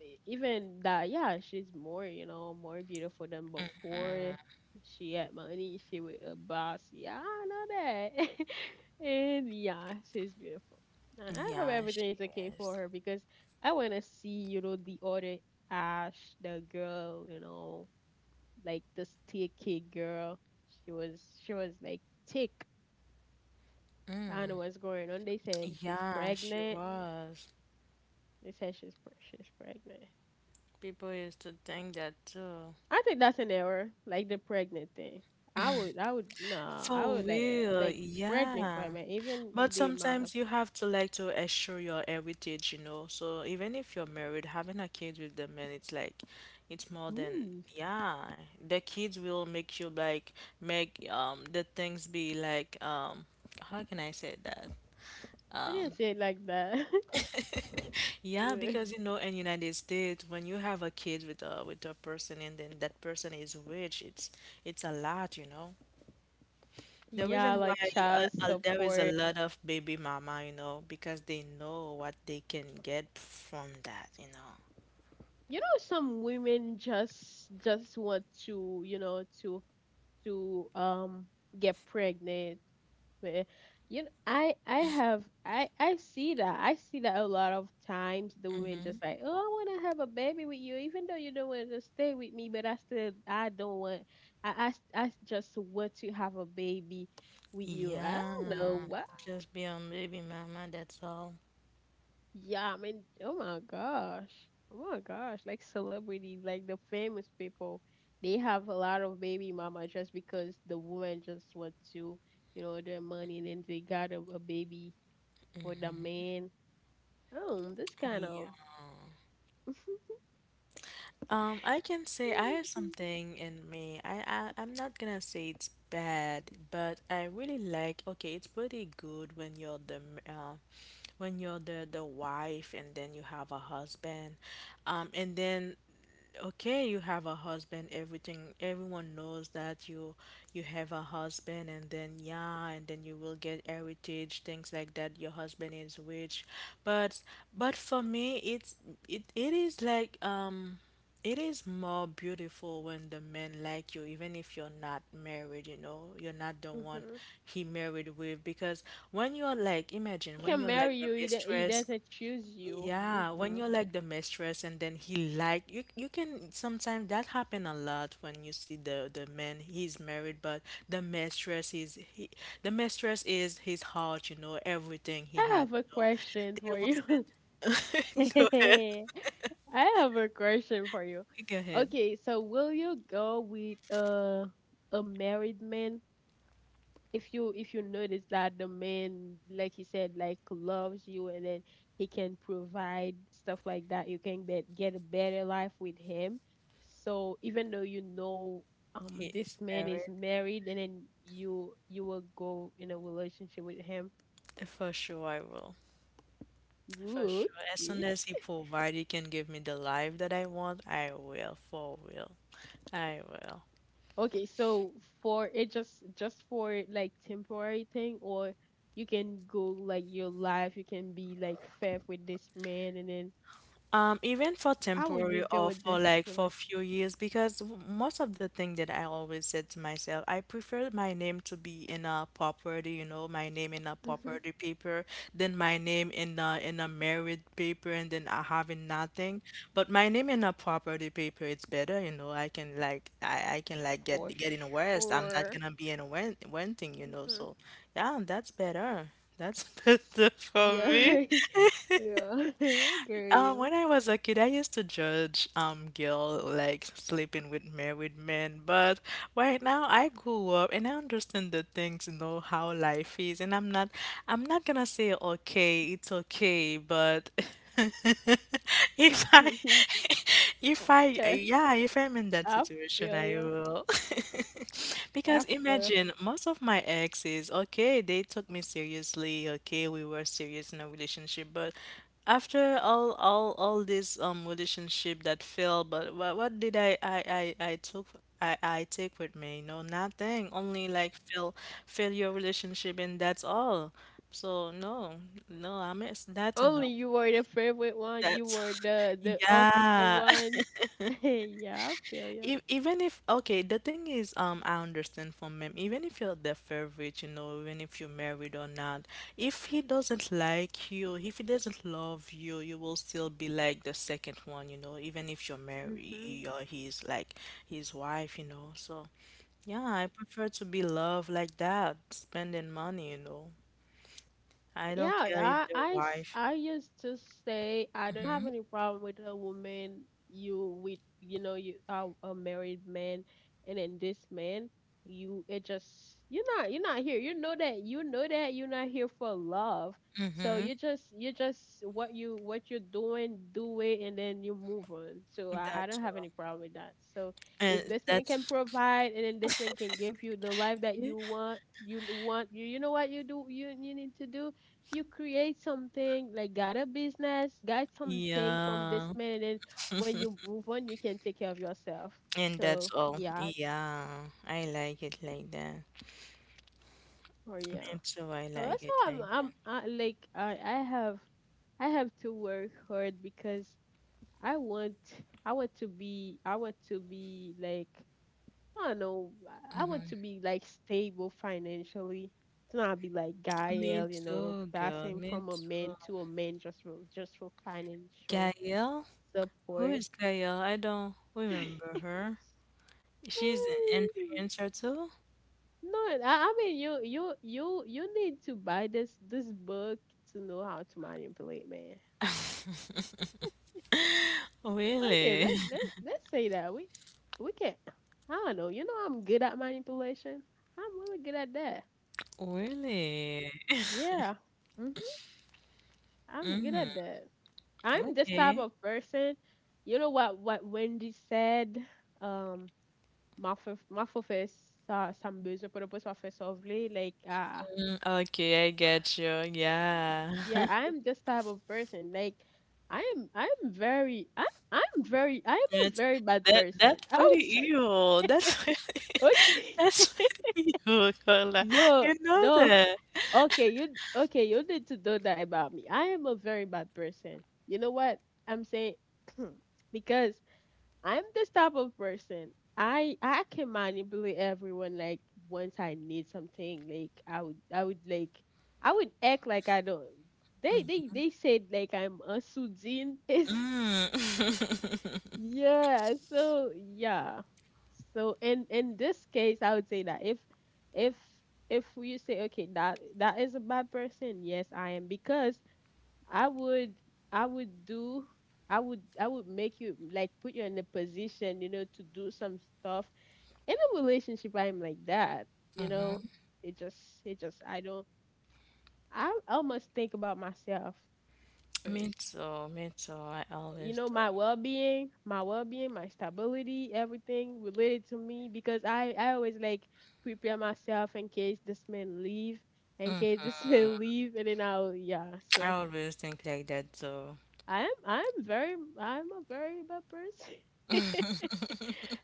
[SPEAKER 1] even that, yeah, she's more you know more beautiful than before. She had money. She was a boss. Yeah, I know that. And yeah, she's beautiful. I hope
[SPEAKER 2] Yeah, she
[SPEAKER 1] everything is okay
[SPEAKER 2] is.
[SPEAKER 1] for her because I wanna see you know the other Ash, the girl, you know, like this thick girl. She was like thick. I don't know what's going on. They said she's
[SPEAKER 2] Yeah, she
[SPEAKER 1] pregnant.
[SPEAKER 2] was.
[SPEAKER 1] They said she's pregnant.
[SPEAKER 2] People used to think that too.
[SPEAKER 1] I think that's an error, like the pregnant thing. No, I
[SPEAKER 2] For
[SPEAKER 1] would
[SPEAKER 2] real,
[SPEAKER 1] like pregnant for a
[SPEAKER 2] yeah.
[SPEAKER 1] man, even
[SPEAKER 2] But
[SPEAKER 1] the amount of.
[SPEAKER 2] sometimes you have to like to assure your heritage, you know. So even if you're married, having a kid with the man, it's like, it's more than,
[SPEAKER 1] Ooh,
[SPEAKER 2] yeah. The kids will make you like make the things be like um, how can I say that?
[SPEAKER 1] I didn't say it like that.
[SPEAKER 2] Yeah,
[SPEAKER 1] Uh,
[SPEAKER 2] because you know in United States when you have a kid with a person and then that person is rich, it's a lot, you know. The
[SPEAKER 1] yeah,
[SPEAKER 2] reason why
[SPEAKER 1] like
[SPEAKER 2] uh,
[SPEAKER 1] child
[SPEAKER 2] there is a
[SPEAKER 1] support.
[SPEAKER 2] lot of baby mama, you know, because they know what they can get from that, you know.
[SPEAKER 1] You know, some women just want to, you know, to get pregnant. But you know, I see that a lot of times the women just like, "Oh, I want to have a baby with you, even though you don't want to stay with me, but I still I don't want I just want to have a baby with you." I
[SPEAKER 2] Yeah,
[SPEAKER 1] don't know why.
[SPEAKER 2] just be on baby mama, that's all.
[SPEAKER 1] Yeah, I mean, oh my gosh, like celebrities like the famous people, they have a lot of baby mama just because the woman just want to, you know, their money and then they got a baby for the man. Oh, this kind
[SPEAKER 2] Yeah.
[SPEAKER 1] of.
[SPEAKER 2] I can say I have something in me. I I'm not gonna say it's bad, but I really like. Okay, it's pretty good when you're when you're the wife, and then you have a husband, and then okay you have a husband everything everyone knows that you have a husband and then yeah and then you will get heritage things like that your husband is rich but but for me it, it is like um, it is more beautiful when the men like you even if you're not married you know you're not the one
[SPEAKER 1] Hmm.
[SPEAKER 2] he married with because when you're like imagine
[SPEAKER 1] He
[SPEAKER 2] when
[SPEAKER 1] can
[SPEAKER 2] you're like
[SPEAKER 1] marry
[SPEAKER 2] the
[SPEAKER 1] you. He, he
[SPEAKER 2] mistress
[SPEAKER 1] doesn't choose you.
[SPEAKER 2] yeah, when
[SPEAKER 1] Hmm.
[SPEAKER 2] you're like the mistress and then he like you can sometimes that happen a lot when you see the man he's married but the mistress is he the mistress is his heart, you know, everything he
[SPEAKER 1] I
[SPEAKER 2] had,
[SPEAKER 1] have
[SPEAKER 2] you
[SPEAKER 1] a
[SPEAKER 2] know.
[SPEAKER 1] question
[SPEAKER 2] They
[SPEAKER 1] for
[SPEAKER 2] will
[SPEAKER 1] you.
[SPEAKER 2] send Go ahead.
[SPEAKER 1] I have a question for you.
[SPEAKER 2] Go ahead.
[SPEAKER 1] Okay, so will you go with a married man if you notice that the man like he said like loves you, and then he can provide stuff like that, you can get a better life with him, so even though you know
[SPEAKER 2] He is
[SPEAKER 1] this man is
[SPEAKER 2] married.
[SPEAKER 1] married, and then you will go in a relationship with him?
[SPEAKER 2] For sure I will. For
[SPEAKER 1] Ooh,
[SPEAKER 2] sure. As soon
[SPEAKER 1] okay,
[SPEAKER 2] as he provide he can give me the life that I want, I will, for real. I will.
[SPEAKER 1] okay, so for it just for like temporary thing, or you can go like your life, you can be like fair with this man, and then
[SPEAKER 2] Even for
[SPEAKER 1] how would
[SPEAKER 2] temporary
[SPEAKER 1] you deal
[SPEAKER 2] or
[SPEAKER 1] with
[SPEAKER 2] for
[SPEAKER 1] this
[SPEAKER 2] like for a
[SPEAKER 1] relationship?
[SPEAKER 2] few years, because most of the thing that I always said to myself, I prefer my name to be in a property, you know, my name in a
[SPEAKER 1] Mm-hmm.
[SPEAKER 2] property paper, than my name in a married paper, and then I having nothing. But my name in a property paper, it's better, you know. I can like I can like get
[SPEAKER 1] For
[SPEAKER 2] getting worse. I'm not
[SPEAKER 1] sure.
[SPEAKER 2] gonna be in one thing, you know.
[SPEAKER 1] Mm-hmm.
[SPEAKER 2] So yeah, that's better. That's better for me.
[SPEAKER 1] Yeah, yeah, I girl.
[SPEAKER 2] When I was a kid, I used to judge girl like sleeping with married men, but right now I grew up and I understand the things, you know, how life is, and I'm not gonna say okay, it's okay, but if I if I
[SPEAKER 1] Yeah,
[SPEAKER 2] yeah, if I'm in that
[SPEAKER 1] I
[SPEAKER 2] situation,
[SPEAKER 1] feel
[SPEAKER 2] I
[SPEAKER 1] you.
[SPEAKER 2] will. Because
[SPEAKER 1] I feel you.
[SPEAKER 2] imagine most of my exes, okay, they took me seriously, okay, we were serious in a relationship, but after all this relationship that failed, but what did I took I take with me? No, nothing. Only like fail, failure relationship, and that's all. So no, no, I miss that's
[SPEAKER 1] Only
[SPEAKER 2] enough.
[SPEAKER 1] you were the favorite one. You
[SPEAKER 2] That's
[SPEAKER 1] were the official
[SPEAKER 2] yeah,
[SPEAKER 1] one. Yeah, I feel you.
[SPEAKER 2] E- even if okay, the thing is, I understand from him. Even if you're their favorite, you know, even if you're married or not, if he doesn't like you, if he doesn't love you, you will still be like the second one, you know, even if you're
[SPEAKER 1] Mm-hmm.
[SPEAKER 2] married or he's like his wife, you know. So yeah, I prefer to be loved like that, spending money, you know. I
[SPEAKER 1] Yeah,
[SPEAKER 2] don't care if they're wife.
[SPEAKER 1] I used to say I don't have any problem with a woman, you with you know you are a married man, and then this man you, it just you're not here, you know that, you're not here for love, so
[SPEAKER 2] Mm-hmm.
[SPEAKER 1] you just what you what you're doing, do it, and then you move on, so I
[SPEAKER 2] That's
[SPEAKER 1] don't have
[SPEAKER 2] all.
[SPEAKER 1] any problem with that. So if
[SPEAKER 2] And
[SPEAKER 1] this man can
[SPEAKER 2] that's
[SPEAKER 1] provide, and then this man can give you the life that you want, you know what you do, you need to do, you create something, like got a business, got something from this
[SPEAKER 2] yeah.
[SPEAKER 1] man, and then when you move on, you can take care of yourself.
[SPEAKER 2] And that's
[SPEAKER 1] So
[SPEAKER 2] all.
[SPEAKER 1] yeah, just
[SPEAKER 2] Yeah, I like it like that.
[SPEAKER 1] for yeah.
[SPEAKER 2] Me too, I
[SPEAKER 1] So
[SPEAKER 2] like
[SPEAKER 1] that's
[SPEAKER 2] it
[SPEAKER 1] how
[SPEAKER 2] like that.
[SPEAKER 1] I'm I, like I have to work hard because i want I want to be like I don't know, I want to be like stable financially, to not be like
[SPEAKER 2] Me
[SPEAKER 1] Gael, you know,
[SPEAKER 2] too, girl.
[SPEAKER 1] passing
[SPEAKER 2] Me
[SPEAKER 1] from a
[SPEAKER 2] too.
[SPEAKER 1] man to a man just for financial
[SPEAKER 2] Gael? Who
[SPEAKER 1] support.
[SPEAKER 2] is Gael? I don't remember her. She's an influencer too?
[SPEAKER 1] No, I mean you you need to buy this book to know how to manipulate man. Okay,
[SPEAKER 2] Really?
[SPEAKER 1] let's say that we can, I don't know. You know I'm good at manipulation. I'm really good at that.
[SPEAKER 2] Really?
[SPEAKER 1] Yeah. Mhm. I'm good
[SPEAKER 2] Mm,
[SPEAKER 1] at that. I'm this type
[SPEAKER 2] okay.
[SPEAKER 1] of person. You know what Wendy said? Um, ma foi faire ça, ça me besoin pour le poste, ça fait sauver. Like, I—
[SPEAKER 2] Mm, okay, I get you. Yeah.
[SPEAKER 1] yeah, I'm this type of person. Like, I'm I'm very I'm a
[SPEAKER 2] That's
[SPEAKER 1] very bad person.
[SPEAKER 2] that's
[SPEAKER 1] I
[SPEAKER 2] pretty
[SPEAKER 1] would say
[SPEAKER 2] evil. That's pretty,
[SPEAKER 1] okay.
[SPEAKER 2] that's pretty evil, Carla.
[SPEAKER 1] Yo,
[SPEAKER 2] You know
[SPEAKER 1] no.
[SPEAKER 2] that.
[SPEAKER 1] Okay, you okay, you need to know that about me. I am a very bad person. You know what I'm saying? Because I'm this type of person. I can manipulate everyone. Like once I need something, like I would act like I don't. They said like I'm a Sujin. Is
[SPEAKER 2] Mm.
[SPEAKER 1] yeah. So yeah. So in this case, I would say that if if you say okay that that is a bad person, yes I am because I would I would do I would make you like put you in a position, you know, to do some stuff. In a relationship I'm like that, you know.
[SPEAKER 2] Mhm.
[SPEAKER 1] It just it just I don't— I almost think about myself
[SPEAKER 2] Me
[SPEAKER 1] first.
[SPEAKER 2] too, me too. I
[SPEAKER 1] You
[SPEAKER 2] always
[SPEAKER 1] know,
[SPEAKER 2] do.
[SPEAKER 1] my well being, my stability, everything related to me because I always like prepare myself in case this man leave, in case this man leave and then I'll— yeah.
[SPEAKER 2] I
[SPEAKER 1] So
[SPEAKER 2] always think like that too.
[SPEAKER 1] I'm a very bad person.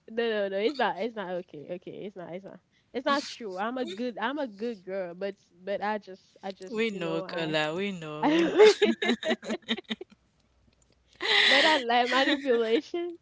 [SPEAKER 1] No, it's not okay. Okay, it's not it's not true. I'm a good girl, but but I just
[SPEAKER 2] We
[SPEAKER 1] you
[SPEAKER 2] know,
[SPEAKER 1] know I—
[SPEAKER 2] Kola, we
[SPEAKER 1] I, but I like manipulation.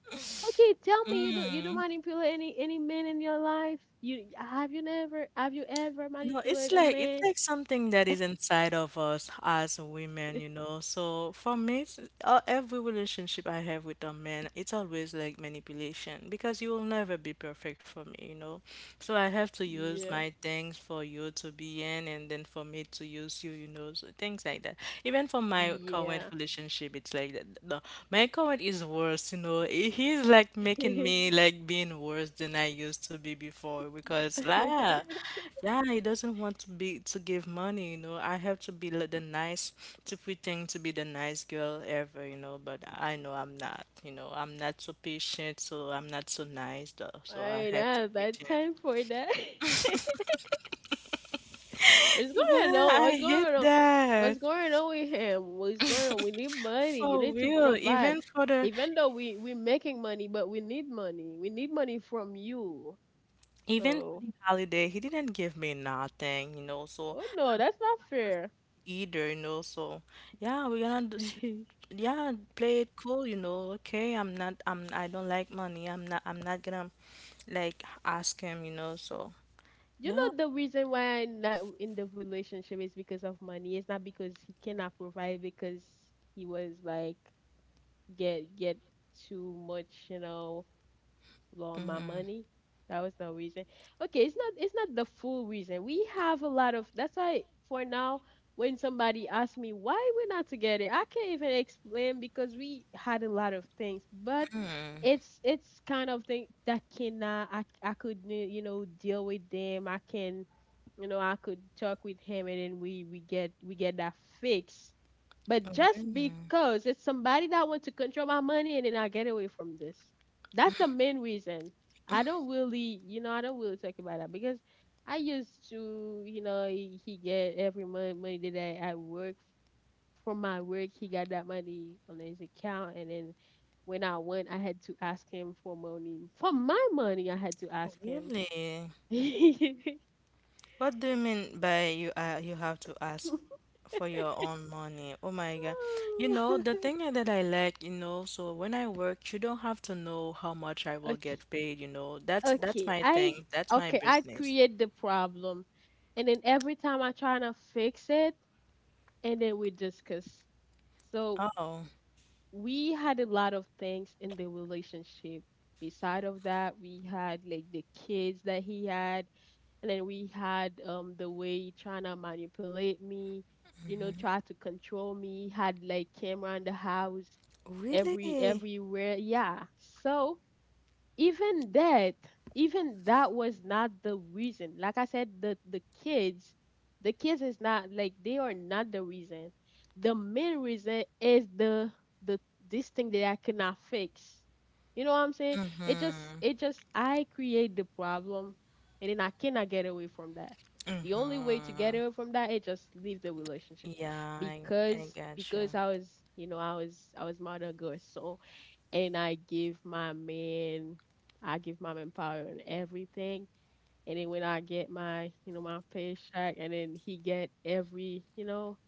[SPEAKER 1] Okay, tell me you don't manipulate any men in your life? You have you never have you ever
[SPEAKER 2] no,
[SPEAKER 1] manipulated a
[SPEAKER 2] it's
[SPEAKER 1] man?
[SPEAKER 2] like something that is inside of us as women, you know. So for me, it's, every relationship I have with a man, it's always like manipulation because you will never be perfect for me, you know. So I have to use
[SPEAKER 1] Yeah.
[SPEAKER 2] my things for you to be in, and then for me to use you, you know, so things like that. Even for my current
[SPEAKER 1] Yeah.
[SPEAKER 2] relationship, it's like that no, my comment is worse, you know. He's like making me like being worse than I used to be before because la,
[SPEAKER 1] All
[SPEAKER 2] yeah, he doesn't want to be to give money, you know. I have to the nice to pretend to be the nice girl ever, you know, but I know I'm not, you know. I'm not so patient, so I'm not so nice though. So I
[SPEAKER 1] right,
[SPEAKER 2] have to
[SPEAKER 1] now that
[SPEAKER 2] pretend.
[SPEAKER 1] time for that. What's going
[SPEAKER 2] Yeah,
[SPEAKER 1] on? What's
[SPEAKER 2] I hate
[SPEAKER 1] going on?
[SPEAKER 2] that.
[SPEAKER 1] What's going on with him? What's going on? We need money. You
[SPEAKER 2] For
[SPEAKER 1] need to
[SPEAKER 2] real.
[SPEAKER 1] provide. Even though we making money, but we need money. We need money from you.
[SPEAKER 2] Even
[SPEAKER 1] So,
[SPEAKER 2] for the holiday, he didn't give me nothing, you know. So
[SPEAKER 1] oh no, that's not fair.
[SPEAKER 2] either, you know. So, yeah, we're gonna just,
[SPEAKER 1] you
[SPEAKER 2] yeah, play it cool, you know. Okay, I don't like money. I'm not gonna like ask him, you know. So,
[SPEAKER 1] know
[SPEAKER 2] yeah.
[SPEAKER 1] the reason why I'm not in the relationship is because of money. It's not because he cannot provide because he was like get too much, you know, loan my
[SPEAKER 2] Mm-hmm.
[SPEAKER 1] money. That was the reason. Okay, it's not the full reason. We have a lot of— that's why for now when somebody asks me why we're not together, I can't even explain because we had a lot of things. But it's kind of thing that cannot— I could you know deal with them. I can, you know, I could talk with him and then we get that fix. But just
[SPEAKER 2] Really?
[SPEAKER 1] because it's somebody that wants to control my money, and then I get away from this. That's the main reason. I don't really, you know, I don't really talk about that because I used to, you know, he get every month money that I work from my work. He got that money on his account, and then when I went, I had to ask him for money. For my money, I had to ask him.
[SPEAKER 2] Really?
[SPEAKER 1] okay,
[SPEAKER 2] What do you mean by you have to ask for your own money? Oh my God. You know, the thing that I like, you know, so when I work, you don't have to know how much I will get paid, you know. That's
[SPEAKER 1] okay,
[SPEAKER 2] my
[SPEAKER 1] I
[SPEAKER 2] thing. That's my
[SPEAKER 1] okay, I
[SPEAKER 2] business.
[SPEAKER 1] create the problem, and then every time I try to fix it, and then we discuss. So
[SPEAKER 2] Oh,
[SPEAKER 1] we had a lot of things in the relationship. Beside of that, we had like the kids that he had, and then we had the way he trying to manipulate me, you know, try to control me. Had like camera in the house
[SPEAKER 2] really?
[SPEAKER 1] everywhere. Yeah. So even that even that was not the reason. Like I said, the kids the kids is not— like, they are not the reason. The main reason is the this thing that I cannot fix, you know what I'm saying? It just I create the problem, and then I cannot get away from that. The only way to get
[SPEAKER 2] Mm-hmm.
[SPEAKER 1] away from that is just leave the relationship.
[SPEAKER 2] Yeah, I
[SPEAKER 1] Because—
[SPEAKER 2] gotcha.
[SPEAKER 1] because I was, you know, I was mother girl. So, and I give my man power and everything. And then when I get my, you know, my paycheck, and then he get every, you know,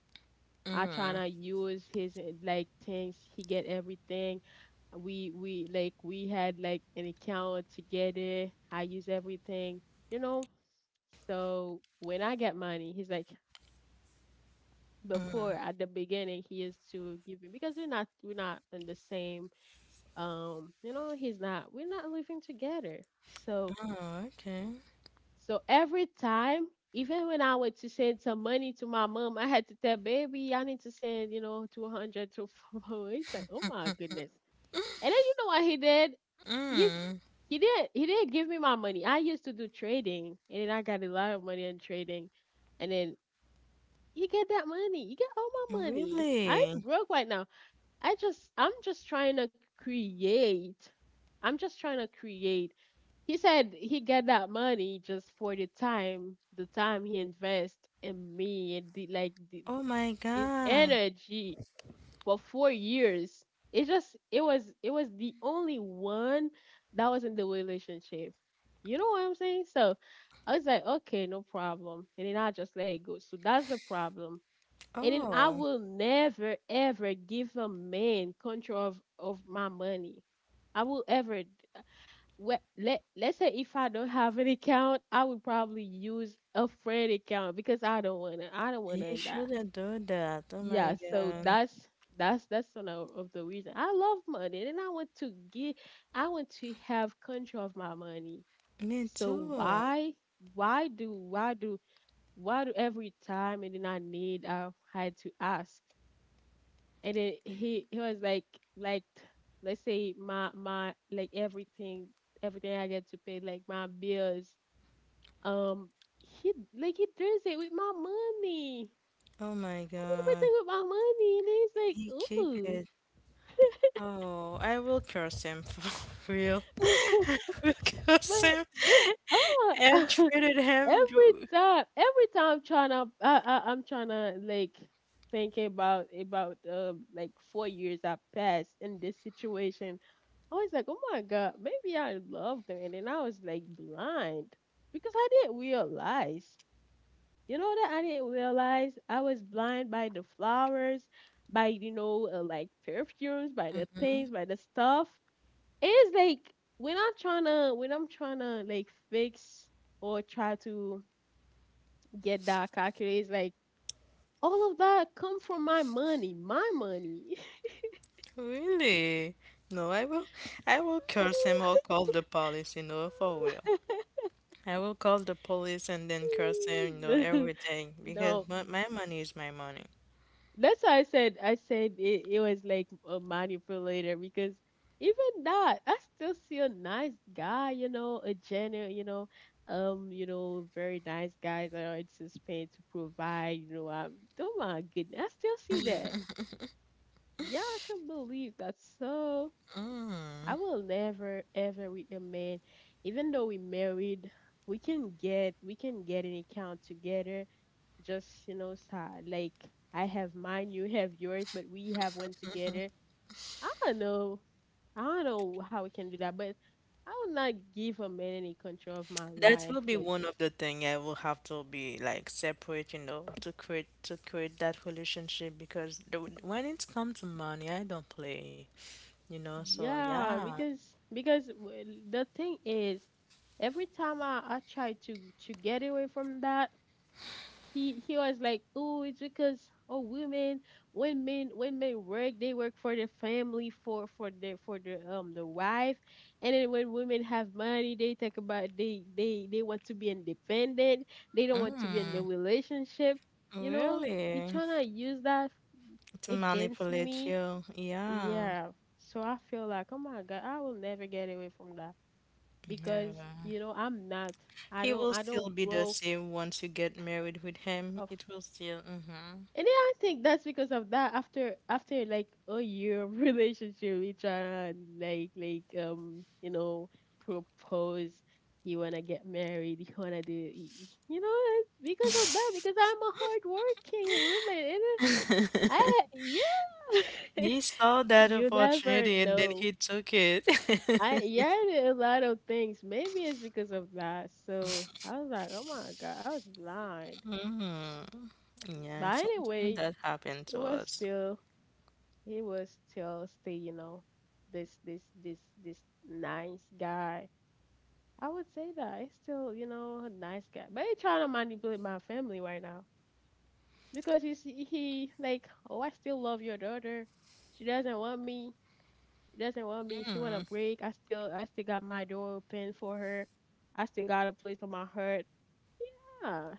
[SPEAKER 1] I try to use his like things, he get everything. We had like an account together. I use everything, you know. So when I get money, he's like— before
[SPEAKER 2] Mm.
[SPEAKER 1] at the beginning he used to give me because we're not in the same you know, he's not we're not living together. So,
[SPEAKER 2] Oh, okay.
[SPEAKER 1] so every time, even when I went to send some money to my mom, I had to tell baby I need to send, you know, 200 to— he's like, "Oh my goodness." And then you know what he did? he's
[SPEAKER 2] Mm.
[SPEAKER 1] he did— he didn't give me my money. I used to do trading, and then I got a lot of money in trading, and then he get that money. He get all my money. I'm
[SPEAKER 2] Really?
[SPEAKER 1] broke right now. I'm just trying to create. I'm just trying to create. He said he get that money just for the time he invest in me, and the like
[SPEAKER 2] Oh my
[SPEAKER 1] his
[SPEAKER 2] God.
[SPEAKER 1] energy for 4 years. It was the only one that was in the relationship. You know what I'm saying? So I was like, okay, no problem. And then I just let it go. So that's the problem. And then I
[SPEAKER 2] Oh,
[SPEAKER 1] will never ever give a man control of my money. I will ever— let— let's say if I don't have an account, I would probably use a friend account because I don't
[SPEAKER 2] you
[SPEAKER 1] wanna that.
[SPEAKER 2] shouldn't do that. Oh
[SPEAKER 1] Yeah,
[SPEAKER 2] my
[SPEAKER 1] so
[SPEAKER 2] God.
[SPEAKER 1] that's one of the reason. I love money, and I want to get— I want to have control of my money.
[SPEAKER 2] Me
[SPEAKER 1] So
[SPEAKER 2] too.
[SPEAKER 1] why do why do why do every time and then I need I had to ask? And then he was like, let's say my like everything I get to pay, like my bills, um he— like he does it with my money.
[SPEAKER 2] Oh my
[SPEAKER 1] I do
[SPEAKER 2] God.
[SPEAKER 1] everything with my money, and then he's like,
[SPEAKER 2] He keep
[SPEAKER 1] ooh.
[SPEAKER 2] it. Oh, I will curse him for real. I will curse
[SPEAKER 1] But
[SPEAKER 2] him
[SPEAKER 1] this— oh.
[SPEAKER 2] and treated him.
[SPEAKER 1] Every time I'm trying to— I'm trying to like think about like 4 years I passed in this situation. I was like, oh my god, maybe I loved them, and then I was like blind because I didn't realize. You know that I didn't realize I was blind by the flowers, by, you know, like perfumes, by the
[SPEAKER 2] Mm-hmm.
[SPEAKER 1] things, by the stuff. It's like when I'm trying to— like fix or try to get that calculator. It's like all of that come from my money, my money.
[SPEAKER 2] Really? No, I will curse him or call the police, you know, for real. I will call the police and then curse him, you know, everything because
[SPEAKER 1] No,
[SPEAKER 2] my money is my money.
[SPEAKER 1] that's why I said— it, it was like a manipulator because even that, I still see a nice guy, you know, a genuine, you know, very nice guys that are anticipated to provide, you know, oh my goodness, I still see that. Yeah, I can believe that's so I will never ever with a man, even though we married, we can get an account together. Just, you know, like, I have mine, you have yours, but we have one together. I don't know, I don't know how we can do that, but I will not give a man any control of my
[SPEAKER 2] That
[SPEAKER 1] life
[SPEAKER 2] will be
[SPEAKER 1] like this.
[SPEAKER 2] one of the thing I will have to be like separate, you know, to create that relationship because the, when it comes to money, I don't play, you know. So
[SPEAKER 1] Yeah,
[SPEAKER 2] yeah,
[SPEAKER 1] because— well, the thing is, every time I try to— to get away from that, he was like, "Oh, it's because— oh, women, when men work, they work for the family, for— for the wife, and then when women have money, they talk about— they they want to be independent, they don't want to be in a relationship, you know. You
[SPEAKER 2] really,
[SPEAKER 1] trying to use that
[SPEAKER 2] to
[SPEAKER 1] against
[SPEAKER 2] manipulate
[SPEAKER 1] me,
[SPEAKER 2] you, yeah,
[SPEAKER 1] yeah. So I feel like, oh my God, I will never get away from that because,
[SPEAKER 2] never.
[SPEAKER 1] you know, I'm not—
[SPEAKER 2] He will
[SPEAKER 1] I don't
[SPEAKER 2] still be the
[SPEAKER 1] grow."
[SPEAKER 2] same once you get married with him. It will still. Hmm.
[SPEAKER 1] And then I think that's because of that. After— like a year of relationship, we try like, you know, propose. You wanna get married. You wanna do— you know because of that. Because I'm a hardworking woman, and then I— yeah.
[SPEAKER 2] He saw that
[SPEAKER 1] You never
[SPEAKER 2] opportunity and then
[SPEAKER 1] know.
[SPEAKER 2] he took it.
[SPEAKER 1] I— yeah, I did a lot of things. Maybe it's because of that. So I was like, oh my god, I was blind.
[SPEAKER 2] Hmm. Yeah,
[SPEAKER 1] But
[SPEAKER 2] sometimes
[SPEAKER 1] anyway,
[SPEAKER 2] that happened
[SPEAKER 1] it
[SPEAKER 2] to
[SPEAKER 1] was
[SPEAKER 2] us.
[SPEAKER 1] still— he was still stay, you know, this nice guy. I would say that he's still, you know, a nice guy. But he's trying to manipulate my family right now because he like, oh, I still love your daughter. She doesn't want me. She doesn't want me. She want a break. I still got my door open for her. I still got a place on my heart. Ah,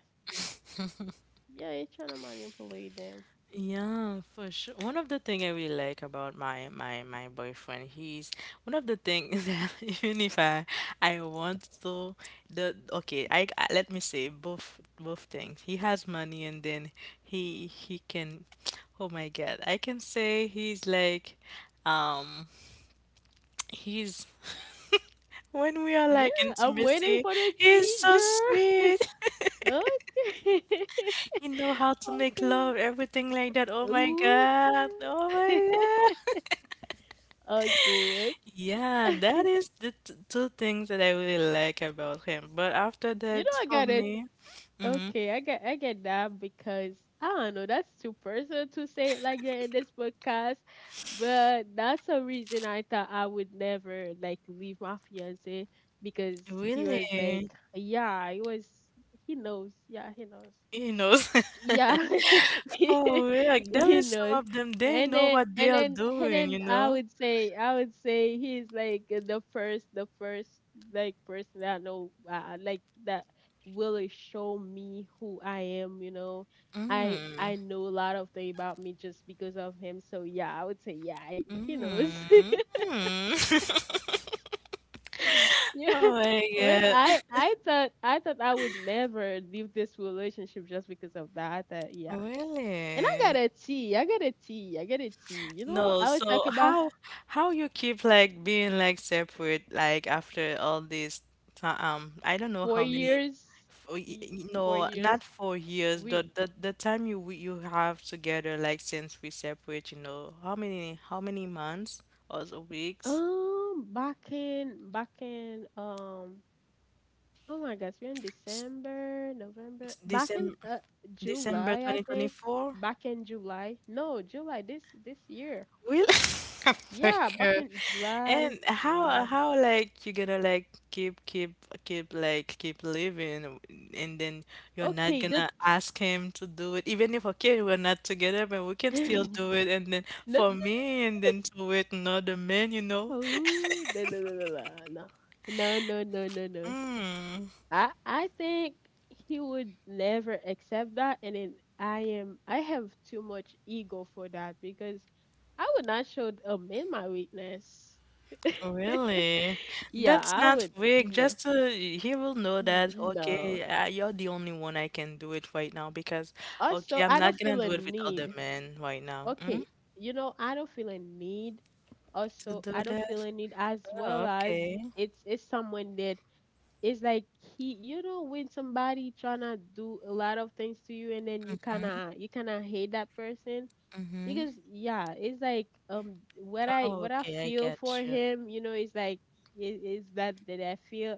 [SPEAKER 1] yeah, he's trying to manipulate them.
[SPEAKER 2] Yeah, for sure. One of the thing I really like about my boyfriend, he's one of the things that even if I I want to the okay, I let me say both things. He has money and then he can oh my God, I can say he's like um he's when we are like
[SPEAKER 1] Yeah, I'm waiting
[SPEAKER 2] intimacy,
[SPEAKER 1] for the
[SPEAKER 2] he's
[SPEAKER 1] tea,
[SPEAKER 2] so
[SPEAKER 1] girl.
[SPEAKER 2] sweet.
[SPEAKER 1] Okay.
[SPEAKER 2] He know how to make
[SPEAKER 1] Okay.
[SPEAKER 2] love, everything like that. Oh my God. Oh
[SPEAKER 1] Okay.
[SPEAKER 2] my God.
[SPEAKER 1] Okay.
[SPEAKER 2] Yeah,
[SPEAKER 1] Okay.
[SPEAKER 2] that is the t two things that I really like about him. But after
[SPEAKER 1] You know
[SPEAKER 2] that,
[SPEAKER 1] I
[SPEAKER 2] for
[SPEAKER 1] got it.
[SPEAKER 2] me,
[SPEAKER 1] Okay, I get that because I don't know, that's too personal to say it like that in this podcast. But that's a reason I thought I would never like leave my fiance because he
[SPEAKER 2] really,
[SPEAKER 1] was like, yeah, he was he knows.
[SPEAKER 2] he knows.
[SPEAKER 1] Yeah,
[SPEAKER 2] Oh, yeah, like there
[SPEAKER 1] he
[SPEAKER 2] is some
[SPEAKER 1] knows.
[SPEAKER 2] of them, they
[SPEAKER 1] And
[SPEAKER 2] know
[SPEAKER 1] then
[SPEAKER 2] what they
[SPEAKER 1] and
[SPEAKER 2] are
[SPEAKER 1] then and
[SPEAKER 2] doing,
[SPEAKER 1] then
[SPEAKER 2] you
[SPEAKER 1] I
[SPEAKER 2] know?
[SPEAKER 1] would say I would say he's like the first like person that I know like that really show me who I am, you know. I
[SPEAKER 2] Mm,
[SPEAKER 1] I know a lot of things about me just because of him. So yeah, I would say yeah, I, he knows.
[SPEAKER 2] mm, mm.
[SPEAKER 1] Yeah.
[SPEAKER 2] Oh my
[SPEAKER 1] What
[SPEAKER 2] God.
[SPEAKER 1] I I thought I would never leave this relationship just because of that. I thought, yeah, and I got
[SPEAKER 2] Really?
[SPEAKER 1] a T. I got a T. I got a T. You know,
[SPEAKER 2] No,
[SPEAKER 1] I was
[SPEAKER 2] so
[SPEAKER 1] talking about
[SPEAKER 2] how you keep like being like separate like after all this time I don't know
[SPEAKER 1] four
[SPEAKER 2] how many
[SPEAKER 1] years.
[SPEAKER 2] for,
[SPEAKER 1] We four
[SPEAKER 2] no
[SPEAKER 1] years.
[SPEAKER 2] not 4 years
[SPEAKER 1] We
[SPEAKER 2] the, the time you you have together like since we separate you know how many months or the weeks
[SPEAKER 1] um back in oh my gosh, we're in
[SPEAKER 2] S-
[SPEAKER 1] December, November.
[SPEAKER 2] s-
[SPEAKER 1] Back in
[SPEAKER 2] December December
[SPEAKER 1] July, I think.
[SPEAKER 2] 2024.
[SPEAKER 1] Back in July. No, July this year.
[SPEAKER 2] Really? Very
[SPEAKER 1] Yeah, back
[SPEAKER 2] good.
[SPEAKER 1] in July.
[SPEAKER 2] And how
[SPEAKER 1] July.
[SPEAKER 2] how like you gonna like keep living and then you're not
[SPEAKER 1] Okay, that
[SPEAKER 2] gonna ask him to do it even if okay we're not together but we can still
[SPEAKER 1] no,
[SPEAKER 2] do it and then
[SPEAKER 1] no, no.
[SPEAKER 2] for me and then to wait another man, you know?
[SPEAKER 1] Oh, no, no, no, no, no. No, no, no, no, no. I think he would never accept that, and then I have too much ego for that because I would not show a man my weakness.
[SPEAKER 2] Really,
[SPEAKER 1] Yeah,
[SPEAKER 2] that's
[SPEAKER 1] I
[SPEAKER 2] not
[SPEAKER 1] would
[SPEAKER 2] weak.
[SPEAKER 1] no
[SPEAKER 2] Just to, he will know that,
[SPEAKER 1] no.
[SPEAKER 2] okay, you're the only one I can do it right now because okay
[SPEAKER 1] Also,
[SPEAKER 2] I'm
[SPEAKER 1] I don't
[SPEAKER 2] not gonna
[SPEAKER 1] feel a
[SPEAKER 2] do it with other
[SPEAKER 1] need.
[SPEAKER 2] men right now, mm?
[SPEAKER 1] Okay, you know I don't feel a need.
[SPEAKER 2] To
[SPEAKER 1] Also,
[SPEAKER 2] do
[SPEAKER 1] I don't feel
[SPEAKER 2] that.
[SPEAKER 1] a need as
[SPEAKER 2] Oh,
[SPEAKER 1] well as
[SPEAKER 2] okay.
[SPEAKER 1] it's someone that it's like he, you know, when somebody trying to do a lot of things to you and then you kind of hate that person
[SPEAKER 2] Mm-hmm.
[SPEAKER 1] because yeah it's like what I
[SPEAKER 2] Oh, okay. I
[SPEAKER 1] feel for
[SPEAKER 2] get you.
[SPEAKER 1] him, you know, it's like it is that that I feel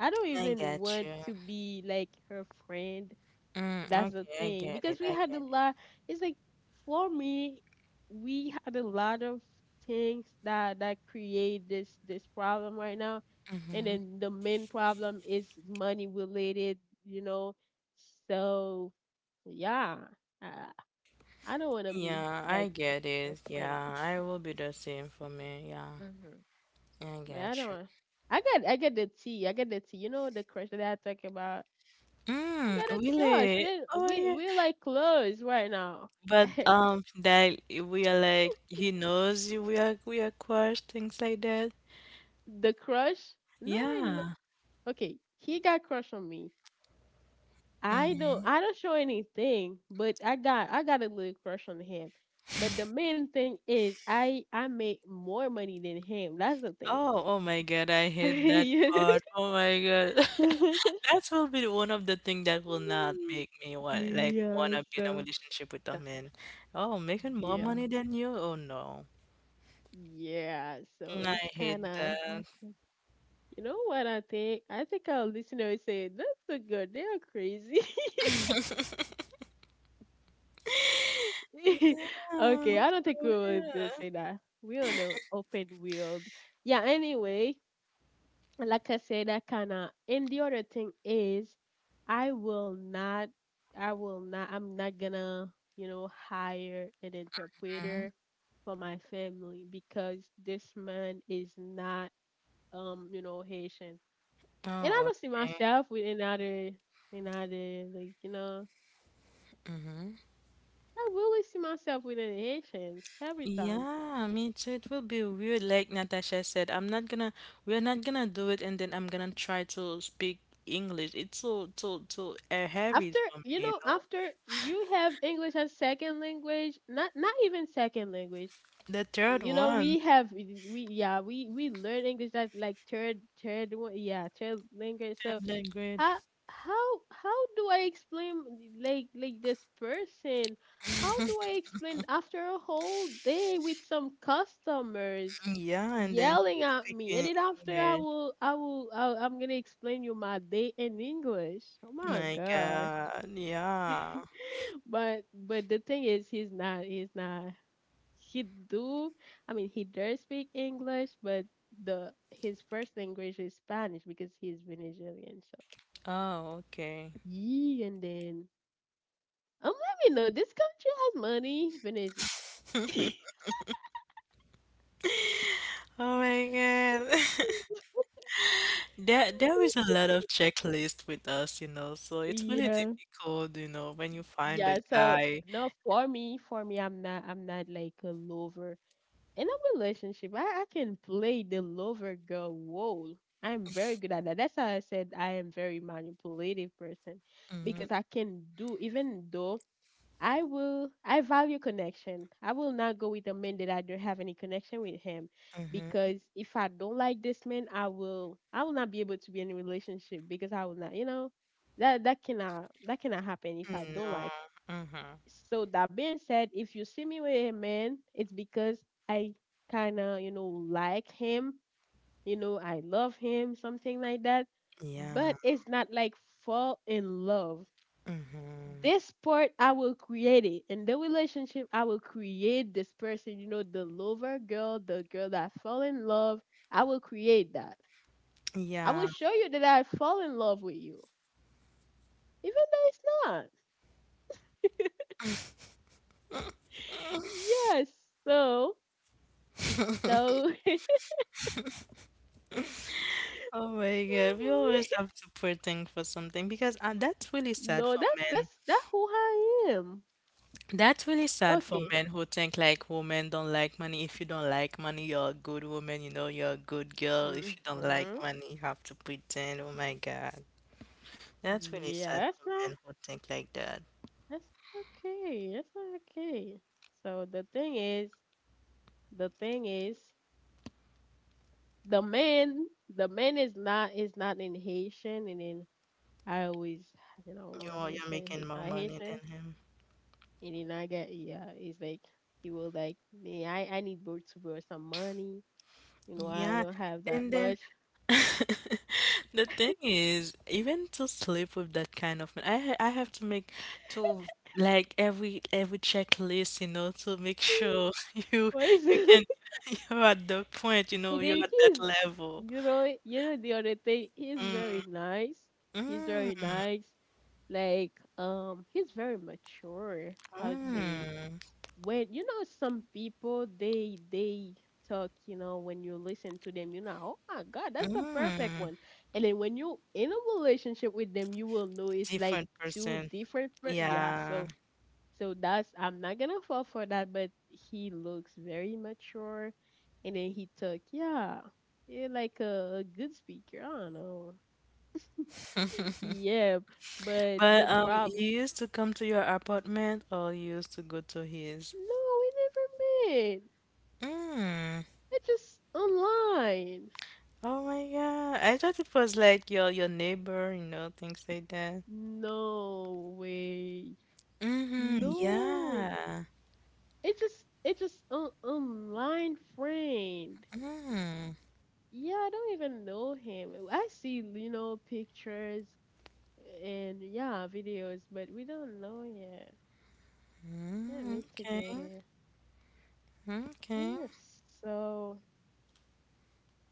[SPEAKER 1] I don't
[SPEAKER 2] I
[SPEAKER 1] even
[SPEAKER 2] get
[SPEAKER 1] want
[SPEAKER 2] you.
[SPEAKER 1] to be like her friend.
[SPEAKER 2] Mm,
[SPEAKER 1] That's
[SPEAKER 2] okay.
[SPEAKER 1] the
[SPEAKER 2] Okay, I
[SPEAKER 1] thing.
[SPEAKER 2] get it.
[SPEAKER 1] Because we
[SPEAKER 2] I
[SPEAKER 1] had a
[SPEAKER 2] get it.
[SPEAKER 1] lot, it's like for me, we had a lot of things that create this problem right now. And
[SPEAKER 2] Mm-hmm.
[SPEAKER 1] then the main problem is money related, you know. So yeah, I, I don't want to be
[SPEAKER 2] Yeah, I
[SPEAKER 1] like
[SPEAKER 2] get
[SPEAKER 1] a
[SPEAKER 2] it.
[SPEAKER 1] friend.
[SPEAKER 2] Yeah, I will be the same for me. Yeah,
[SPEAKER 1] Hmm.
[SPEAKER 2] yeah, I
[SPEAKER 1] But I
[SPEAKER 2] get you.
[SPEAKER 1] don't. I got the tea. I got the tea. You know the crush that I talk about. I
[SPEAKER 2] Mm,
[SPEAKER 1] got a crush, and
[SPEAKER 2] really?
[SPEAKER 1] then
[SPEAKER 2] Oh
[SPEAKER 1] we
[SPEAKER 2] yeah.
[SPEAKER 1] we're like close right now.
[SPEAKER 2] But that we are like he knows we are crush things like that.
[SPEAKER 1] The crush? No, I know.
[SPEAKER 2] Yeah.
[SPEAKER 1] Okay, he got crush on me. I don't.
[SPEAKER 2] Mm-hmm.
[SPEAKER 1] I don't show anything, but I got. I got a little crush on him. But the main thing is, I make more money than him. That's the thing.
[SPEAKER 2] Oh, oh my God, I hate that part.
[SPEAKER 1] Yeah.
[SPEAKER 2] Oh my God. That will be one of the thing that will not make me want like
[SPEAKER 1] Yeah.
[SPEAKER 2] wanna be in a
[SPEAKER 1] So.
[SPEAKER 2] relationship with a
[SPEAKER 1] so-
[SPEAKER 2] man. Oh, making more
[SPEAKER 1] Yeah.
[SPEAKER 2] money than you? Oh no.
[SPEAKER 1] Yeah. So
[SPEAKER 2] Mm, I
[SPEAKER 1] it's kind
[SPEAKER 2] hate
[SPEAKER 1] of.
[SPEAKER 2] that.
[SPEAKER 1] You know what I think? I think our listeners say that's a good. They are crazy.
[SPEAKER 2] Yeah,
[SPEAKER 1] Okay,
[SPEAKER 2] for
[SPEAKER 1] I don't think we would
[SPEAKER 2] real.
[SPEAKER 1] say that. We on an open world. Yeah, anyway, like I said, that kinda and the other thing is I will not I will not I'm not gonna, you know, hire an
[SPEAKER 2] Mhm.
[SPEAKER 1] interpreter for my family because this man is not you know, Haitian. And I
[SPEAKER 2] Oh,
[SPEAKER 1] don't see
[SPEAKER 2] okay.
[SPEAKER 1] myself with another like, you know, I really see myself with an Haitian every time.
[SPEAKER 2] Yeah, me too. It will be weird. Like Natasha said, I'm not gonna, we're not gonna do it, and then I'm gonna try to speak English. It's so heavy
[SPEAKER 1] After
[SPEAKER 2] for
[SPEAKER 1] you
[SPEAKER 2] me, you
[SPEAKER 1] know,
[SPEAKER 2] know?
[SPEAKER 1] after you have English as second language, not even second language.
[SPEAKER 2] The third
[SPEAKER 1] You know,
[SPEAKER 2] one,
[SPEAKER 1] we have we yeah we learn English as like third one yeah third language. So
[SPEAKER 2] third language.
[SPEAKER 1] how how how do I explain like this person? How do I explain after a whole day with some customers?
[SPEAKER 2] Yeah, and then
[SPEAKER 1] Yelling
[SPEAKER 2] keep
[SPEAKER 1] at me and
[SPEAKER 2] speaking
[SPEAKER 1] then after
[SPEAKER 2] English.
[SPEAKER 1] I'm gonna explain you my day in english. Oh my
[SPEAKER 2] My
[SPEAKER 1] god.
[SPEAKER 2] God, yeah.
[SPEAKER 1] But the thing is, he's not. He's not. He do. I mean, he does speak English, but the his first language is Spanish because he's Venezuelan. So
[SPEAKER 2] Oh, okay.
[SPEAKER 1] yeah, and then let me know. This country has money, Venezuela.
[SPEAKER 2] Oh my God. There is a lot of checklist with us, you know, so it's really
[SPEAKER 1] Yeah,
[SPEAKER 2] difficult, you know, when you find a
[SPEAKER 1] yeah. So
[SPEAKER 2] guy.
[SPEAKER 1] no, for me, I'm not. I'm not like a lover. In a relationship, I can play the lover girl role. I'm very good at that. That's how I said I am very manipulative person
[SPEAKER 2] Mm-hmm,
[SPEAKER 1] because I can do even though I value connection. I will not go with a man that I don't have any connection with him
[SPEAKER 2] mm-hmm.
[SPEAKER 1] because if I don't like this man, I will not be able to be in a relationship because I will not, you know, that cannot happen if I don't
[SPEAKER 2] No,
[SPEAKER 1] like.
[SPEAKER 2] mm-hmm.
[SPEAKER 1] So that being said, if you see me with a man, it's because I kind of, you know, like him, you know, I love him, something like that.
[SPEAKER 2] Yeah.
[SPEAKER 1] But it's not like fall in love.
[SPEAKER 2] Mm-hmm.
[SPEAKER 1] This part I will create it. In the relationship, I will create this person, you know, the lover girl, the girl that fell in love. I will create that. I will
[SPEAKER 2] Yeah.
[SPEAKER 1] show you that I fall in love with you, even though it's not. Yes. So, so,
[SPEAKER 2] Oh my God. We always have to poor thing for something because that's really sad
[SPEAKER 1] No,
[SPEAKER 2] for men.
[SPEAKER 1] that's that who I am.
[SPEAKER 2] That's really sad for
[SPEAKER 1] Okay.
[SPEAKER 2] men who think like women don't like money. If you don't like money, you're a good woman, you know, you're a good girl. If you don't like
[SPEAKER 1] Mhm.
[SPEAKER 2] money, you have to pretend. Oh my God. That's really
[SPEAKER 1] Yeah,
[SPEAKER 2] sad for men who think like that.
[SPEAKER 1] that's not okay. That's not okay. So the thing is, the man, the man is not in Haitian, and then I always, you know, have
[SPEAKER 2] You're
[SPEAKER 1] Haitian.
[SPEAKER 2] making
[SPEAKER 1] He's
[SPEAKER 2] more
[SPEAKER 1] not
[SPEAKER 2] money
[SPEAKER 1] Haitian,
[SPEAKER 2] than him.
[SPEAKER 1] and then I get yeah. He's like he will like me. I need both to borrow some money. You know, I
[SPEAKER 2] Yeah.
[SPEAKER 1] don't have that
[SPEAKER 2] And then
[SPEAKER 1] much.
[SPEAKER 2] the thing is, even to sleep with that kind of man, I have to make to like every checklist, you know, to make sure you
[SPEAKER 1] What is
[SPEAKER 2] you
[SPEAKER 1] it?
[SPEAKER 2] can you're at the point, you know,
[SPEAKER 1] And then
[SPEAKER 2] you're at that
[SPEAKER 1] he's,
[SPEAKER 2] level.
[SPEAKER 1] you know the other thing, he's
[SPEAKER 2] Mm,
[SPEAKER 1] very nice. He's
[SPEAKER 2] mm,
[SPEAKER 1] very nice. Like, he's very mature. I would say
[SPEAKER 2] mm,
[SPEAKER 1] when you know some people, they talk. You know, when you listen to them, you know, oh my God, that's the perfect
[SPEAKER 2] mm.
[SPEAKER 1] one. And then when you in a relationship with them, you will know it's like
[SPEAKER 2] Different
[SPEAKER 1] two
[SPEAKER 2] person.
[SPEAKER 1] different. Yeah,
[SPEAKER 2] Yeah.
[SPEAKER 1] so so that's I'm not gonna fall for that, but he looks very mature. And then he took, yeah, yeah, like a good speaker. I don't know. Yeah, but the
[SPEAKER 2] But
[SPEAKER 1] problem,
[SPEAKER 2] he used to come to your apartment or you used to go to his?
[SPEAKER 1] no, we never met.
[SPEAKER 2] Mm.
[SPEAKER 1] It's just online.
[SPEAKER 2] Oh my God. I thought it was like your neighbor, you know, things like that.
[SPEAKER 1] No way.
[SPEAKER 2] Mm-hmm.
[SPEAKER 1] No.
[SPEAKER 2] Yeah.
[SPEAKER 1] It just an online friend.
[SPEAKER 2] Mm-hmm.
[SPEAKER 1] Yeah, I don't even know him. I see, you know, pictures and yeah, videos, but we don't know yet. Yeah, me
[SPEAKER 2] Okay.
[SPEAKER 1] together.
[SPEAKER 2] Okay.
[SPEAKER 1] Yes. So,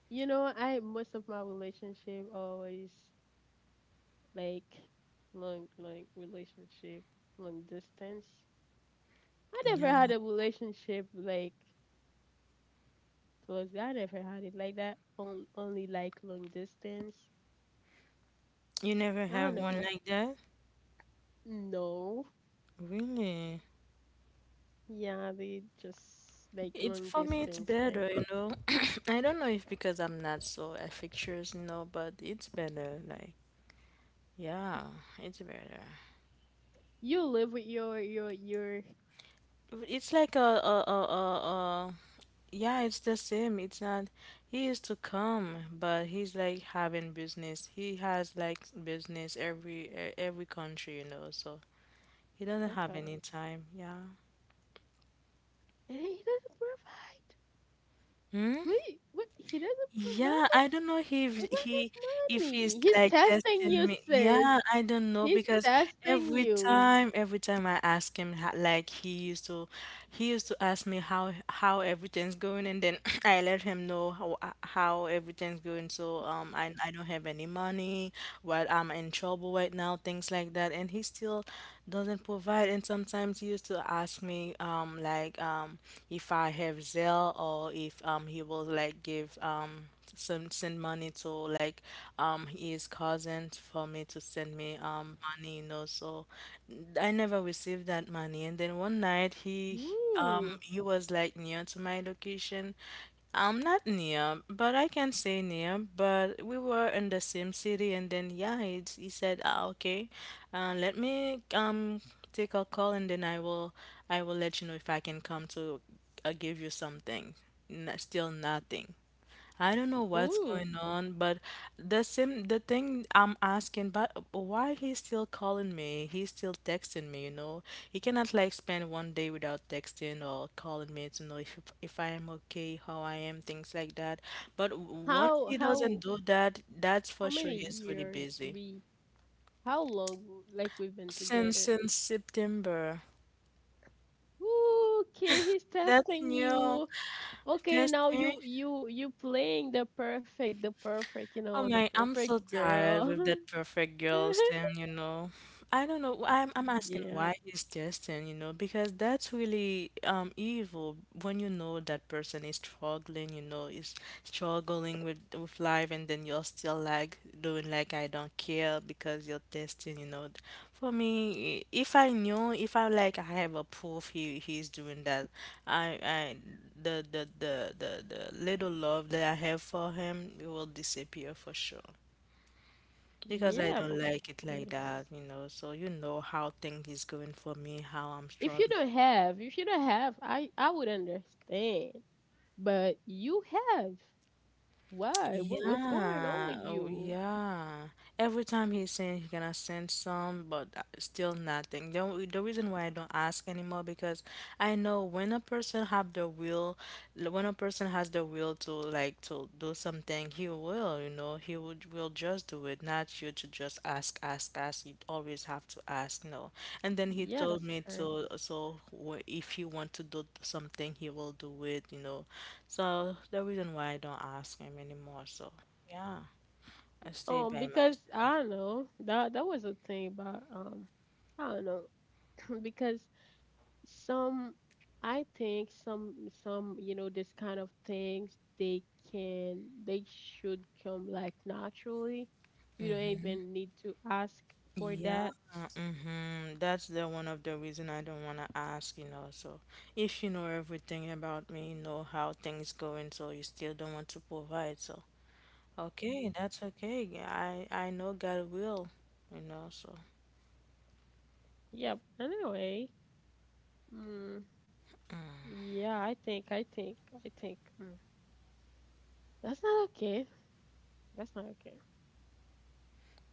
[SPEAKER 1] you know, I most of my relationship always like long like relationship, long distance. I never
[SPEAKER 2] Yeah.
[SPEAKER 1] had a relationship like close. I never had it like that. On, only like long distance.
[SPEAKER 2] You never
[SPEAKER 1] I
[SPEAKER 2] have
[SPEAKER 1] don't know
[SPEAKER 2] one
[SPEAKER 1] why.
[SPEAKER 2] like that?
[SPEAKER 1] No.
[SPEAKER 2] Really?
[SPEAKER 1] Yeah, they just like
[SPEAKER 2] It's
[SPEAKER 1] long
[SPEAKER 2] for me, it's
[SPEAKER 1] distance thing.
[SPEAKER 2] better, you know. I don't know if because I'm not so affectious, you know, but it's better. Like, yeah, it's better.
[SPEAKER 1] You live with your your
[SPEAKER 2] It's like a yeah, it's the same. It's not, he used to come, but he's like having business. He has like business every country, you know, so he doesn't have
[SPEAKER 1] okay.
[SPEAKER 2] any time. Yeah.
[SPEAKER 1] And he doesn't provide.
[SPEAKER 2] Hmm?
[SPEAKER 1] Wait, what? He doesn't
[SPEAKER 2] Yeah,
[SPEAKER 1] provide.
[SPEAKER 2] I don't know if
[SPEAKER 1] We want
[SPEAKER 2] he,
[SPEAKER 1] his
[SPEAKER 2] if he's
[SPEAKER 1] money. He's
[SPEAKER 2] like
[SPEAKER 1] testing
[SPEAKER 2] testing
[SPEAKER 1] you,
[SPEAKER 2] me.
[SPEAKER 1] sis.
[SPEAKER 2] Yeah, I don't know
[SPEAKER 1] He's
[SPEAKER 2] because
[SPEAKER 1] testing
[SPEAKER 2] every
[SPEAKER 1] you.
[SPEAKER 2] time every time I ask him like he used to, he used to ask me how everything's going, and then I let him know how everything's going. So I don't have any money. Well, I'm in trouble right now, things like that. And he still doesn't provide. And sometimes he used to ask me if I have Zelle, or if he will like give some send money to like his cousins for me to send me money, you know, so I never received that money. And then one night
[SPEAKER 1] Ooh,
[SPEAKER 2] he was like near to my location. I'm not near, but I can say near. But we were in the same city, and then yeah, he said, ah, okay, let me take a call, and then I will let you know if I can come to give you something. Still nothing. I don't know what's
[SPEAKER 1] ooh.
[SPEAKER 2] going on, but the thing I'm asking, but why he's still calling me? He's still texting me, you know. He cannot like spend one day without texting or calling me to know if I am okay, how I am, things like that. But once
[SPEAKER 1] How
[SPEAKER 2] he doesn't
[SPEAKER 1] how
[SPEAKER 2] do that, that's
[SPEAKER 1] how
[SPEAKER 2] for sure
[SPEAKER 1] many
[SPEAKER 2] he's really
[SPEAKER 1] years
[SPEAKER 2] busy.
[SPEAKER 1] we? How long like we've been
[SPEAKER 2] Since
[SPEAKER 1] together?
[SPEAKER 2] since September.
[SPEAKER 1] Ooh, okay, he's
[SPEAKER 2] That's
[SPEAKER 1] testing
[SPEAKER 2] new.
[SPEAKER 1] you. Okay,
[SPEAKER 2] That's
[SPEAKER 1] now
[SPEAKER 2] new.
[SPEAKER 1] you playing the perfect, you
[SPEAKER 2] Oh
[SPEAKER 1] know, the
[SPEAKER 2] my, I'm so
[SPEAKER 1] perfect
[SPEAKER 2] tired
[SPEAKER 1] girl.
[SPEAKER 2] with that perfect girl thing, you know. I don't know. I'm I'm asking
[SPEAKER 1] Yeah,
[SPEAKER 2] why he's testing, you know, because that's really evil when you know that person is struggling, you know, is struggling with life and then you're still like doing like I don't care because you're testing, you know. For me, if I knew, if I like I have a proof he he's doing that, I the little love that I have for him, it will disappear for sure because I
[SPEAKER 1] yeah,
[SPEAKER 2] don't
[SPEAKER 1] of
[SPEAKER 2] like it like that,
[SPEAKER 1] course.
[SPEAKER 2] you know. So you know how things is going for me, how I'm
[SPEAKER 1] If you
[SPEAKER 2] struggling.
[SPEAKER 1] don't have, if you don't have, I would understand. But you have. Why? What's going on
[SPEAKER 2] Yeah,
[SPEAKER 1] with
[SPEAKER 2] oh
[SPEAKER 1] you?
[SPEAKER 2] yeah. Every time he's saying he's gonna send some, but still nothing. The reason why I don't ask anymore because I know when a person have the will, when a person has the will to like to do something, he will. Will, you know, he would will just do it, not you to just ask. You always have to ask, no. And then he
[SPEAKER 1] Yeah,
[SPEAKER 2] told
[SPEAKER 1] that's
[SPEAKER 2] me
[SPEAKER 1] correct.
[SPEAKER 2] to, so if you want to do something, he will do it, you know. So the reason why I don't ask him anymore, so yeah, I stay by
[SPEAKER 1] Because I
[SPEAKER 2] myself.
[SPEAKER 1] don't know that that was a thing about I don't know because some I think some you know this kind of things they can they should come like naturally. You don't even need to ask for
[SPEAKER 2] Yeah,
[SPEAKER 1] that.
[SPEAKER 2] mm-hmm. That's the one of the reason I don't want to ask, you know. So if you know everything about me, you know how things going, so you still don't want to provide, so okay, that's okay. I know God will, you know, so
[SPEAKER 1] Yep. Anyway. Mm. Yeah, I think, I think. Mm, that's not okay. That's not okay.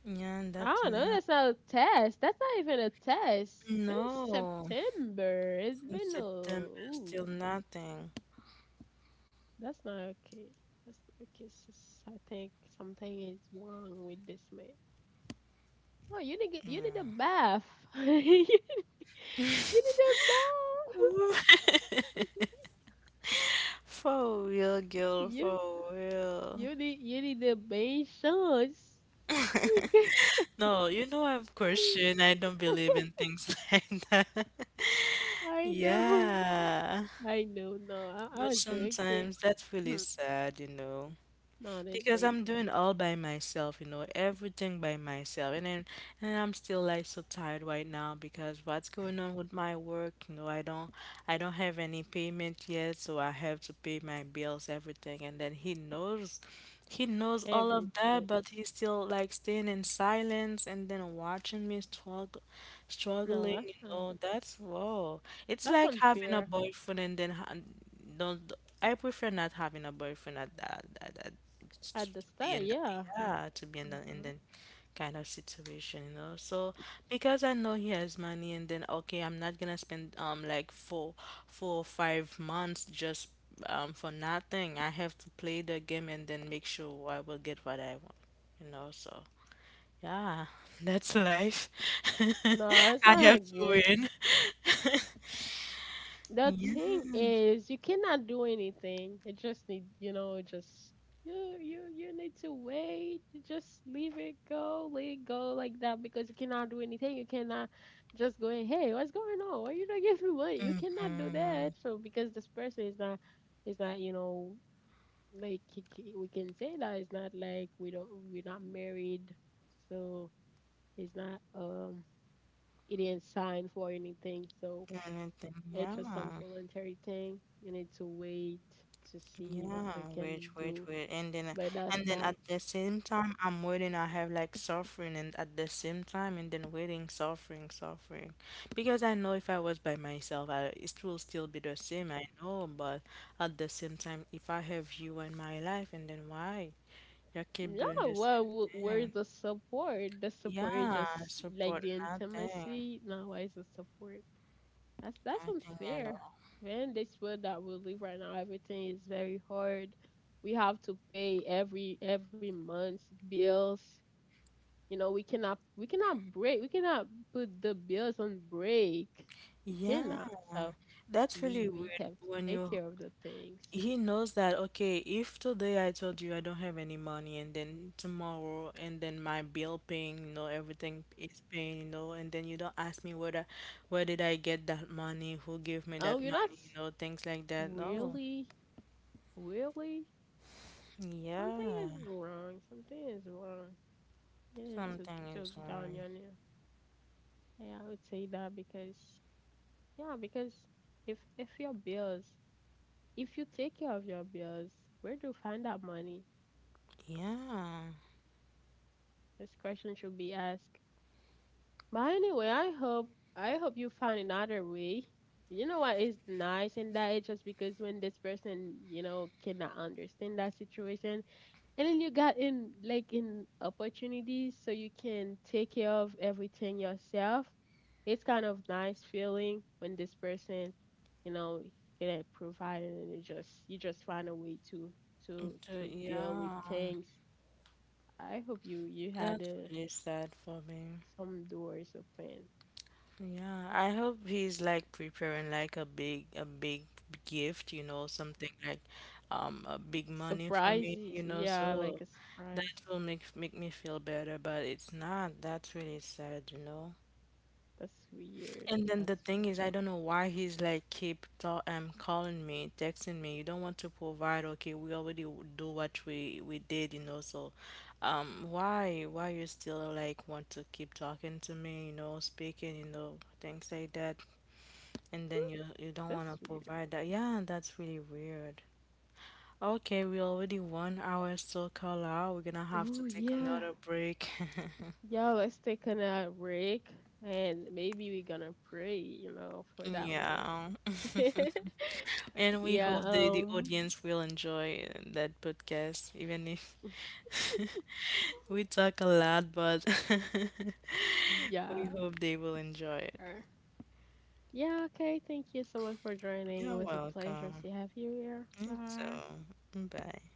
[SPEAKER 2] yeah,
[SPEAKER 1] I
[SPEAKER 2] that's
[SPEAKER 1] don't know.
[SPEAKER 2] not
[SPEAKER 1] That's not a test. That's not even a test. Since
[SPEAKER 2] no
[SPEAKER 1] September, it's
[SPEAKER 2] since
[SPEAKER 1] been a.
[SPEAKER 2] September
[SPEAKER 1] Ooh,
[SPEAKER 2] still nothing.
[SPEAKER 1] that's not okay. That's not okay, sis. I think something is wrong with this man. Oh, you need get, you need a bath. You need a bath.
[SPEAKER 2] Ooh. For real, girl,
[SPEAKER 1] you
[SPEAKER 2] for real.
[SPEAKER 1] you need a bath. Shots. Oh my God.
[SPEAKER 2] No, you know I'm Christian. I don't believe in things like that.
[SPEAKER 1] I know.
[SPEAKER 2] Yeah.
[SPEAKER 1] I know, no, I
[SPEAKER 2] But
[SPEAKER 1] was joking.
[SPEAKER 2] sometimes that's really
[SPEAKER 1] Hmm.
[SPEAKER 2] sad, you know.
[SPEAKER 1] No,
[SPEAKER 2] Because
[SPEAKER 1] they
[SPEAKER 2] I'm doing all by myself, you know, everything by myself. And then and I'm still like so tired right now because what's going on with my work, you know, I don't have any payment yet, so I have to pay my bills, everything. And then he knows, he knows all of that,
[SPEAKER 1] everything.
[SPEAKER 2] but he's still like staying in silence and then watching me struggle,
[SPEAKER 1] No,
[SPEAKER 2] struggling,
[SPEAKER 1] that's
[SPEAKER 2] you
[SPEAKER 1] not,
[SPEAKER 2] know, that's whoa. It's
[SPEAKER 1] that's
[SPEAKER 2] like having a
[SPEAKER 1] unfair
[SPEAKER 2] boyfriend and then don't, I prefer not having a boyfriend at to
[SPEAKER 1] at the
[SPEAKER 2] be
[SPEAKER 1] start.
[SPEAKER 2] in the,
[SPEAKER 1] Yeah,
[SPEAKER 2] yeah to be in the in
[SPEAKER 1] hmm,
[SPEAKER 2] that kind of situation, you know, so because I know he has money and then okay I'm not gonna spend like 4 or 5 months just for nothing, I have to play the game and then make sure I will get what I want, you know, so yeah that's life
[SPEAKER 1] no, it's
[SPEAKER 2] I
[SPEAKER 1] not
[SPEAKER 2] have to
[SPEAKER 1] good.
[SPEAKER 2] win
[SPEAKER 1] The
[SPEAKER 2] yeah
[SPEAKER 1] thing is, you cannot do anything. It just need, you know, just you need to wait. You just leave it go, let it go like that because you cannot do anything. You cannot just go, hey, what's going on? Why you not giving me money? You cannot do that.
[SPEAKER 2] mm-hmm.
[SPEAKER 1] So because this person is not, you know, like we can say that it's not like we're not married, so it's not it didn't sign for anything, so
[SPEAKER 2] Anything
[SPEAKER 1] it's just some
[SPEAKER 2] yeah.
[SPEAKER 1] voluntary thing. You need to wait to see what
[SPEAKER 2] Yeah,
[SPEAKER 1] we can do,
[SPEAKER 2] wait,
[SPEAKER 1] but that's
[SPEAKER 2] and then
[SPEAKER 1] not
[SPEAKER 2] at the same time, I'm waiting. I have like suffering, and at the same time, and then waiting, suffering, because I know if I was by myself, I it will still be the same. I know, but at the same time, if I have you in my life, and then why you keep
[SPEAKER 1] no.
[SPEAKER 2] doing the
[SPEAKER 1] Well,
[SPEAKER 2] same
[SPEAKER 1] where's
[SPEAKER 2] thing?
[SPEAKER 1] the support? The support is
[SPEAKER 2] Yeah,
[SPEAKER 1] just like
[SPEAKER 2] support
[SPEAKER 1] the
[SPEAKER 2] nothing,
[SPEAKER 1] intimacy now. Why is the support? That's
[SPEAKER 2] nothing at
[SPEAKER 1] unfair.
[SPEAKER 2] all.
[SPEAKER 1] Man, this world that we live right now, everything is very hard. We have to pay every month's bills. You know, we cannot put the bills on break. We
[SPEAKER 2] Yeah,
[SPEAKER 1] cannot. So
[SPEAKER 2] that's
[SPEAKER 1] we
[SPEAKER 2] really weird
[SPEAKER 1] have to
[SPEAKER 2] when
[SPEAKER 1] take
[SPEAKER 2] you
[SPEAKER 1] care of the things.
[SPEAKER 2] he knows that okay if today I told you I don't have any money and then tomorrow and then my bill paying, you know, everything is paying, you know, and then you don't ask me whether where did I get that money who gave me
[SPEAKER 1] Oh,
[SPEAKER 2] that
[SPEAKER 1] you're
[SPEAKER 2] money
[SPEAKER 1] not
[SPEAKER 2] you know things like that oh
[SPEAKER 1] really, really? Something
[SPEAKER 2] yeah
[SPEAKER 1] is wrong. Something is wrong. You need to
[SPEAKER 2] something
[SPEAKER 1] talk
[SPEAKER 2] is
[SPEAKER 1] down
[SPEAKER 2] wrong
[SPEAKER 1] your name. Yeah, I would say that because yeah, because if your bills, if you take care of your bills, where do you find that money?
[SPEAKER 2] yeah.
[SPEAKER 1] This question should be asked. But anyway, I hope you find another way. You know what is nice in that is just because when this person, you know, cannot understand that situation, and then you got in like in opportunities so you can take care of everything yourself. It's kind of nice feeling when this person, you know, can provide and then you just find a way
[SPEAKER 2] It,
[SPEAKER 1] to deal with
[SPEAKER 2] yeah,
[SPEAKER 1] things. I hope you you had
[SPEAKER 2] that's really sad for me.
[SPEAKER 1] some doors open.
[SPEAKER 2] Yeah, I hope he's like preparing like a big gift, you know, something like a big money for me, you
[SPEAKER 1] Surprises,
[SPEAKER 2] know,
[SPEAKER 1] yeah,
[SPEAKER 2] so
[SPEAKER 1] like a surprise.
[SPEAKER 2] that will make make me feel better, but it's not. That's really sad, you know.
[SPEAKER 1] That's weird.
[SPEAKER 2] And then the
[SPEAKER 1] That's
[SPEAKER 2] thing is, I don't know why he's like keep calling me, texting me. You don't want to provide, okay? We already do what we did, you know. So, why you still like want to keep talking to me, you know, speaking, you know, things like that and then you don't want
[SPEAKER 1] that's
[SPEAKER 2] to
[SPEAKER 1] weird.
[SPEAKER 2] provide that. Yeah, that's really weird. Okay, we already 1 hour still call out. We're gonna have to
[SPEAKER 1] Oh
[SPEAKER 2] take
[SPEAKER 1] yeah.
[SPEAKER 2] another break.
[SPEAKER 1] Yeah, let's take a break and maybe we're gonna pray, you know, for that man.
[SPEAKER 2] Yeah. And we
[SPEAKER 1] Yeah,
[SPEAKER 2] hope the audience will enjoy that podcast, even if we talk a lot, but we
[SPEAKER 1] yeah.
[SPEAKER 2] hope they will enjoy it.
[SPEAKER 1] Yeah, okay, thank you so much for joining. It
[SPEAKER 2] You're
[SPEAKER 1] was a pleasure
[SPEAKER 2] welcome.
[SPEAKER 1] to have you here.
[SPEAKER 2] Me
[SPEAKER 1] Bye.
[SPEAKER 2] too. Bye.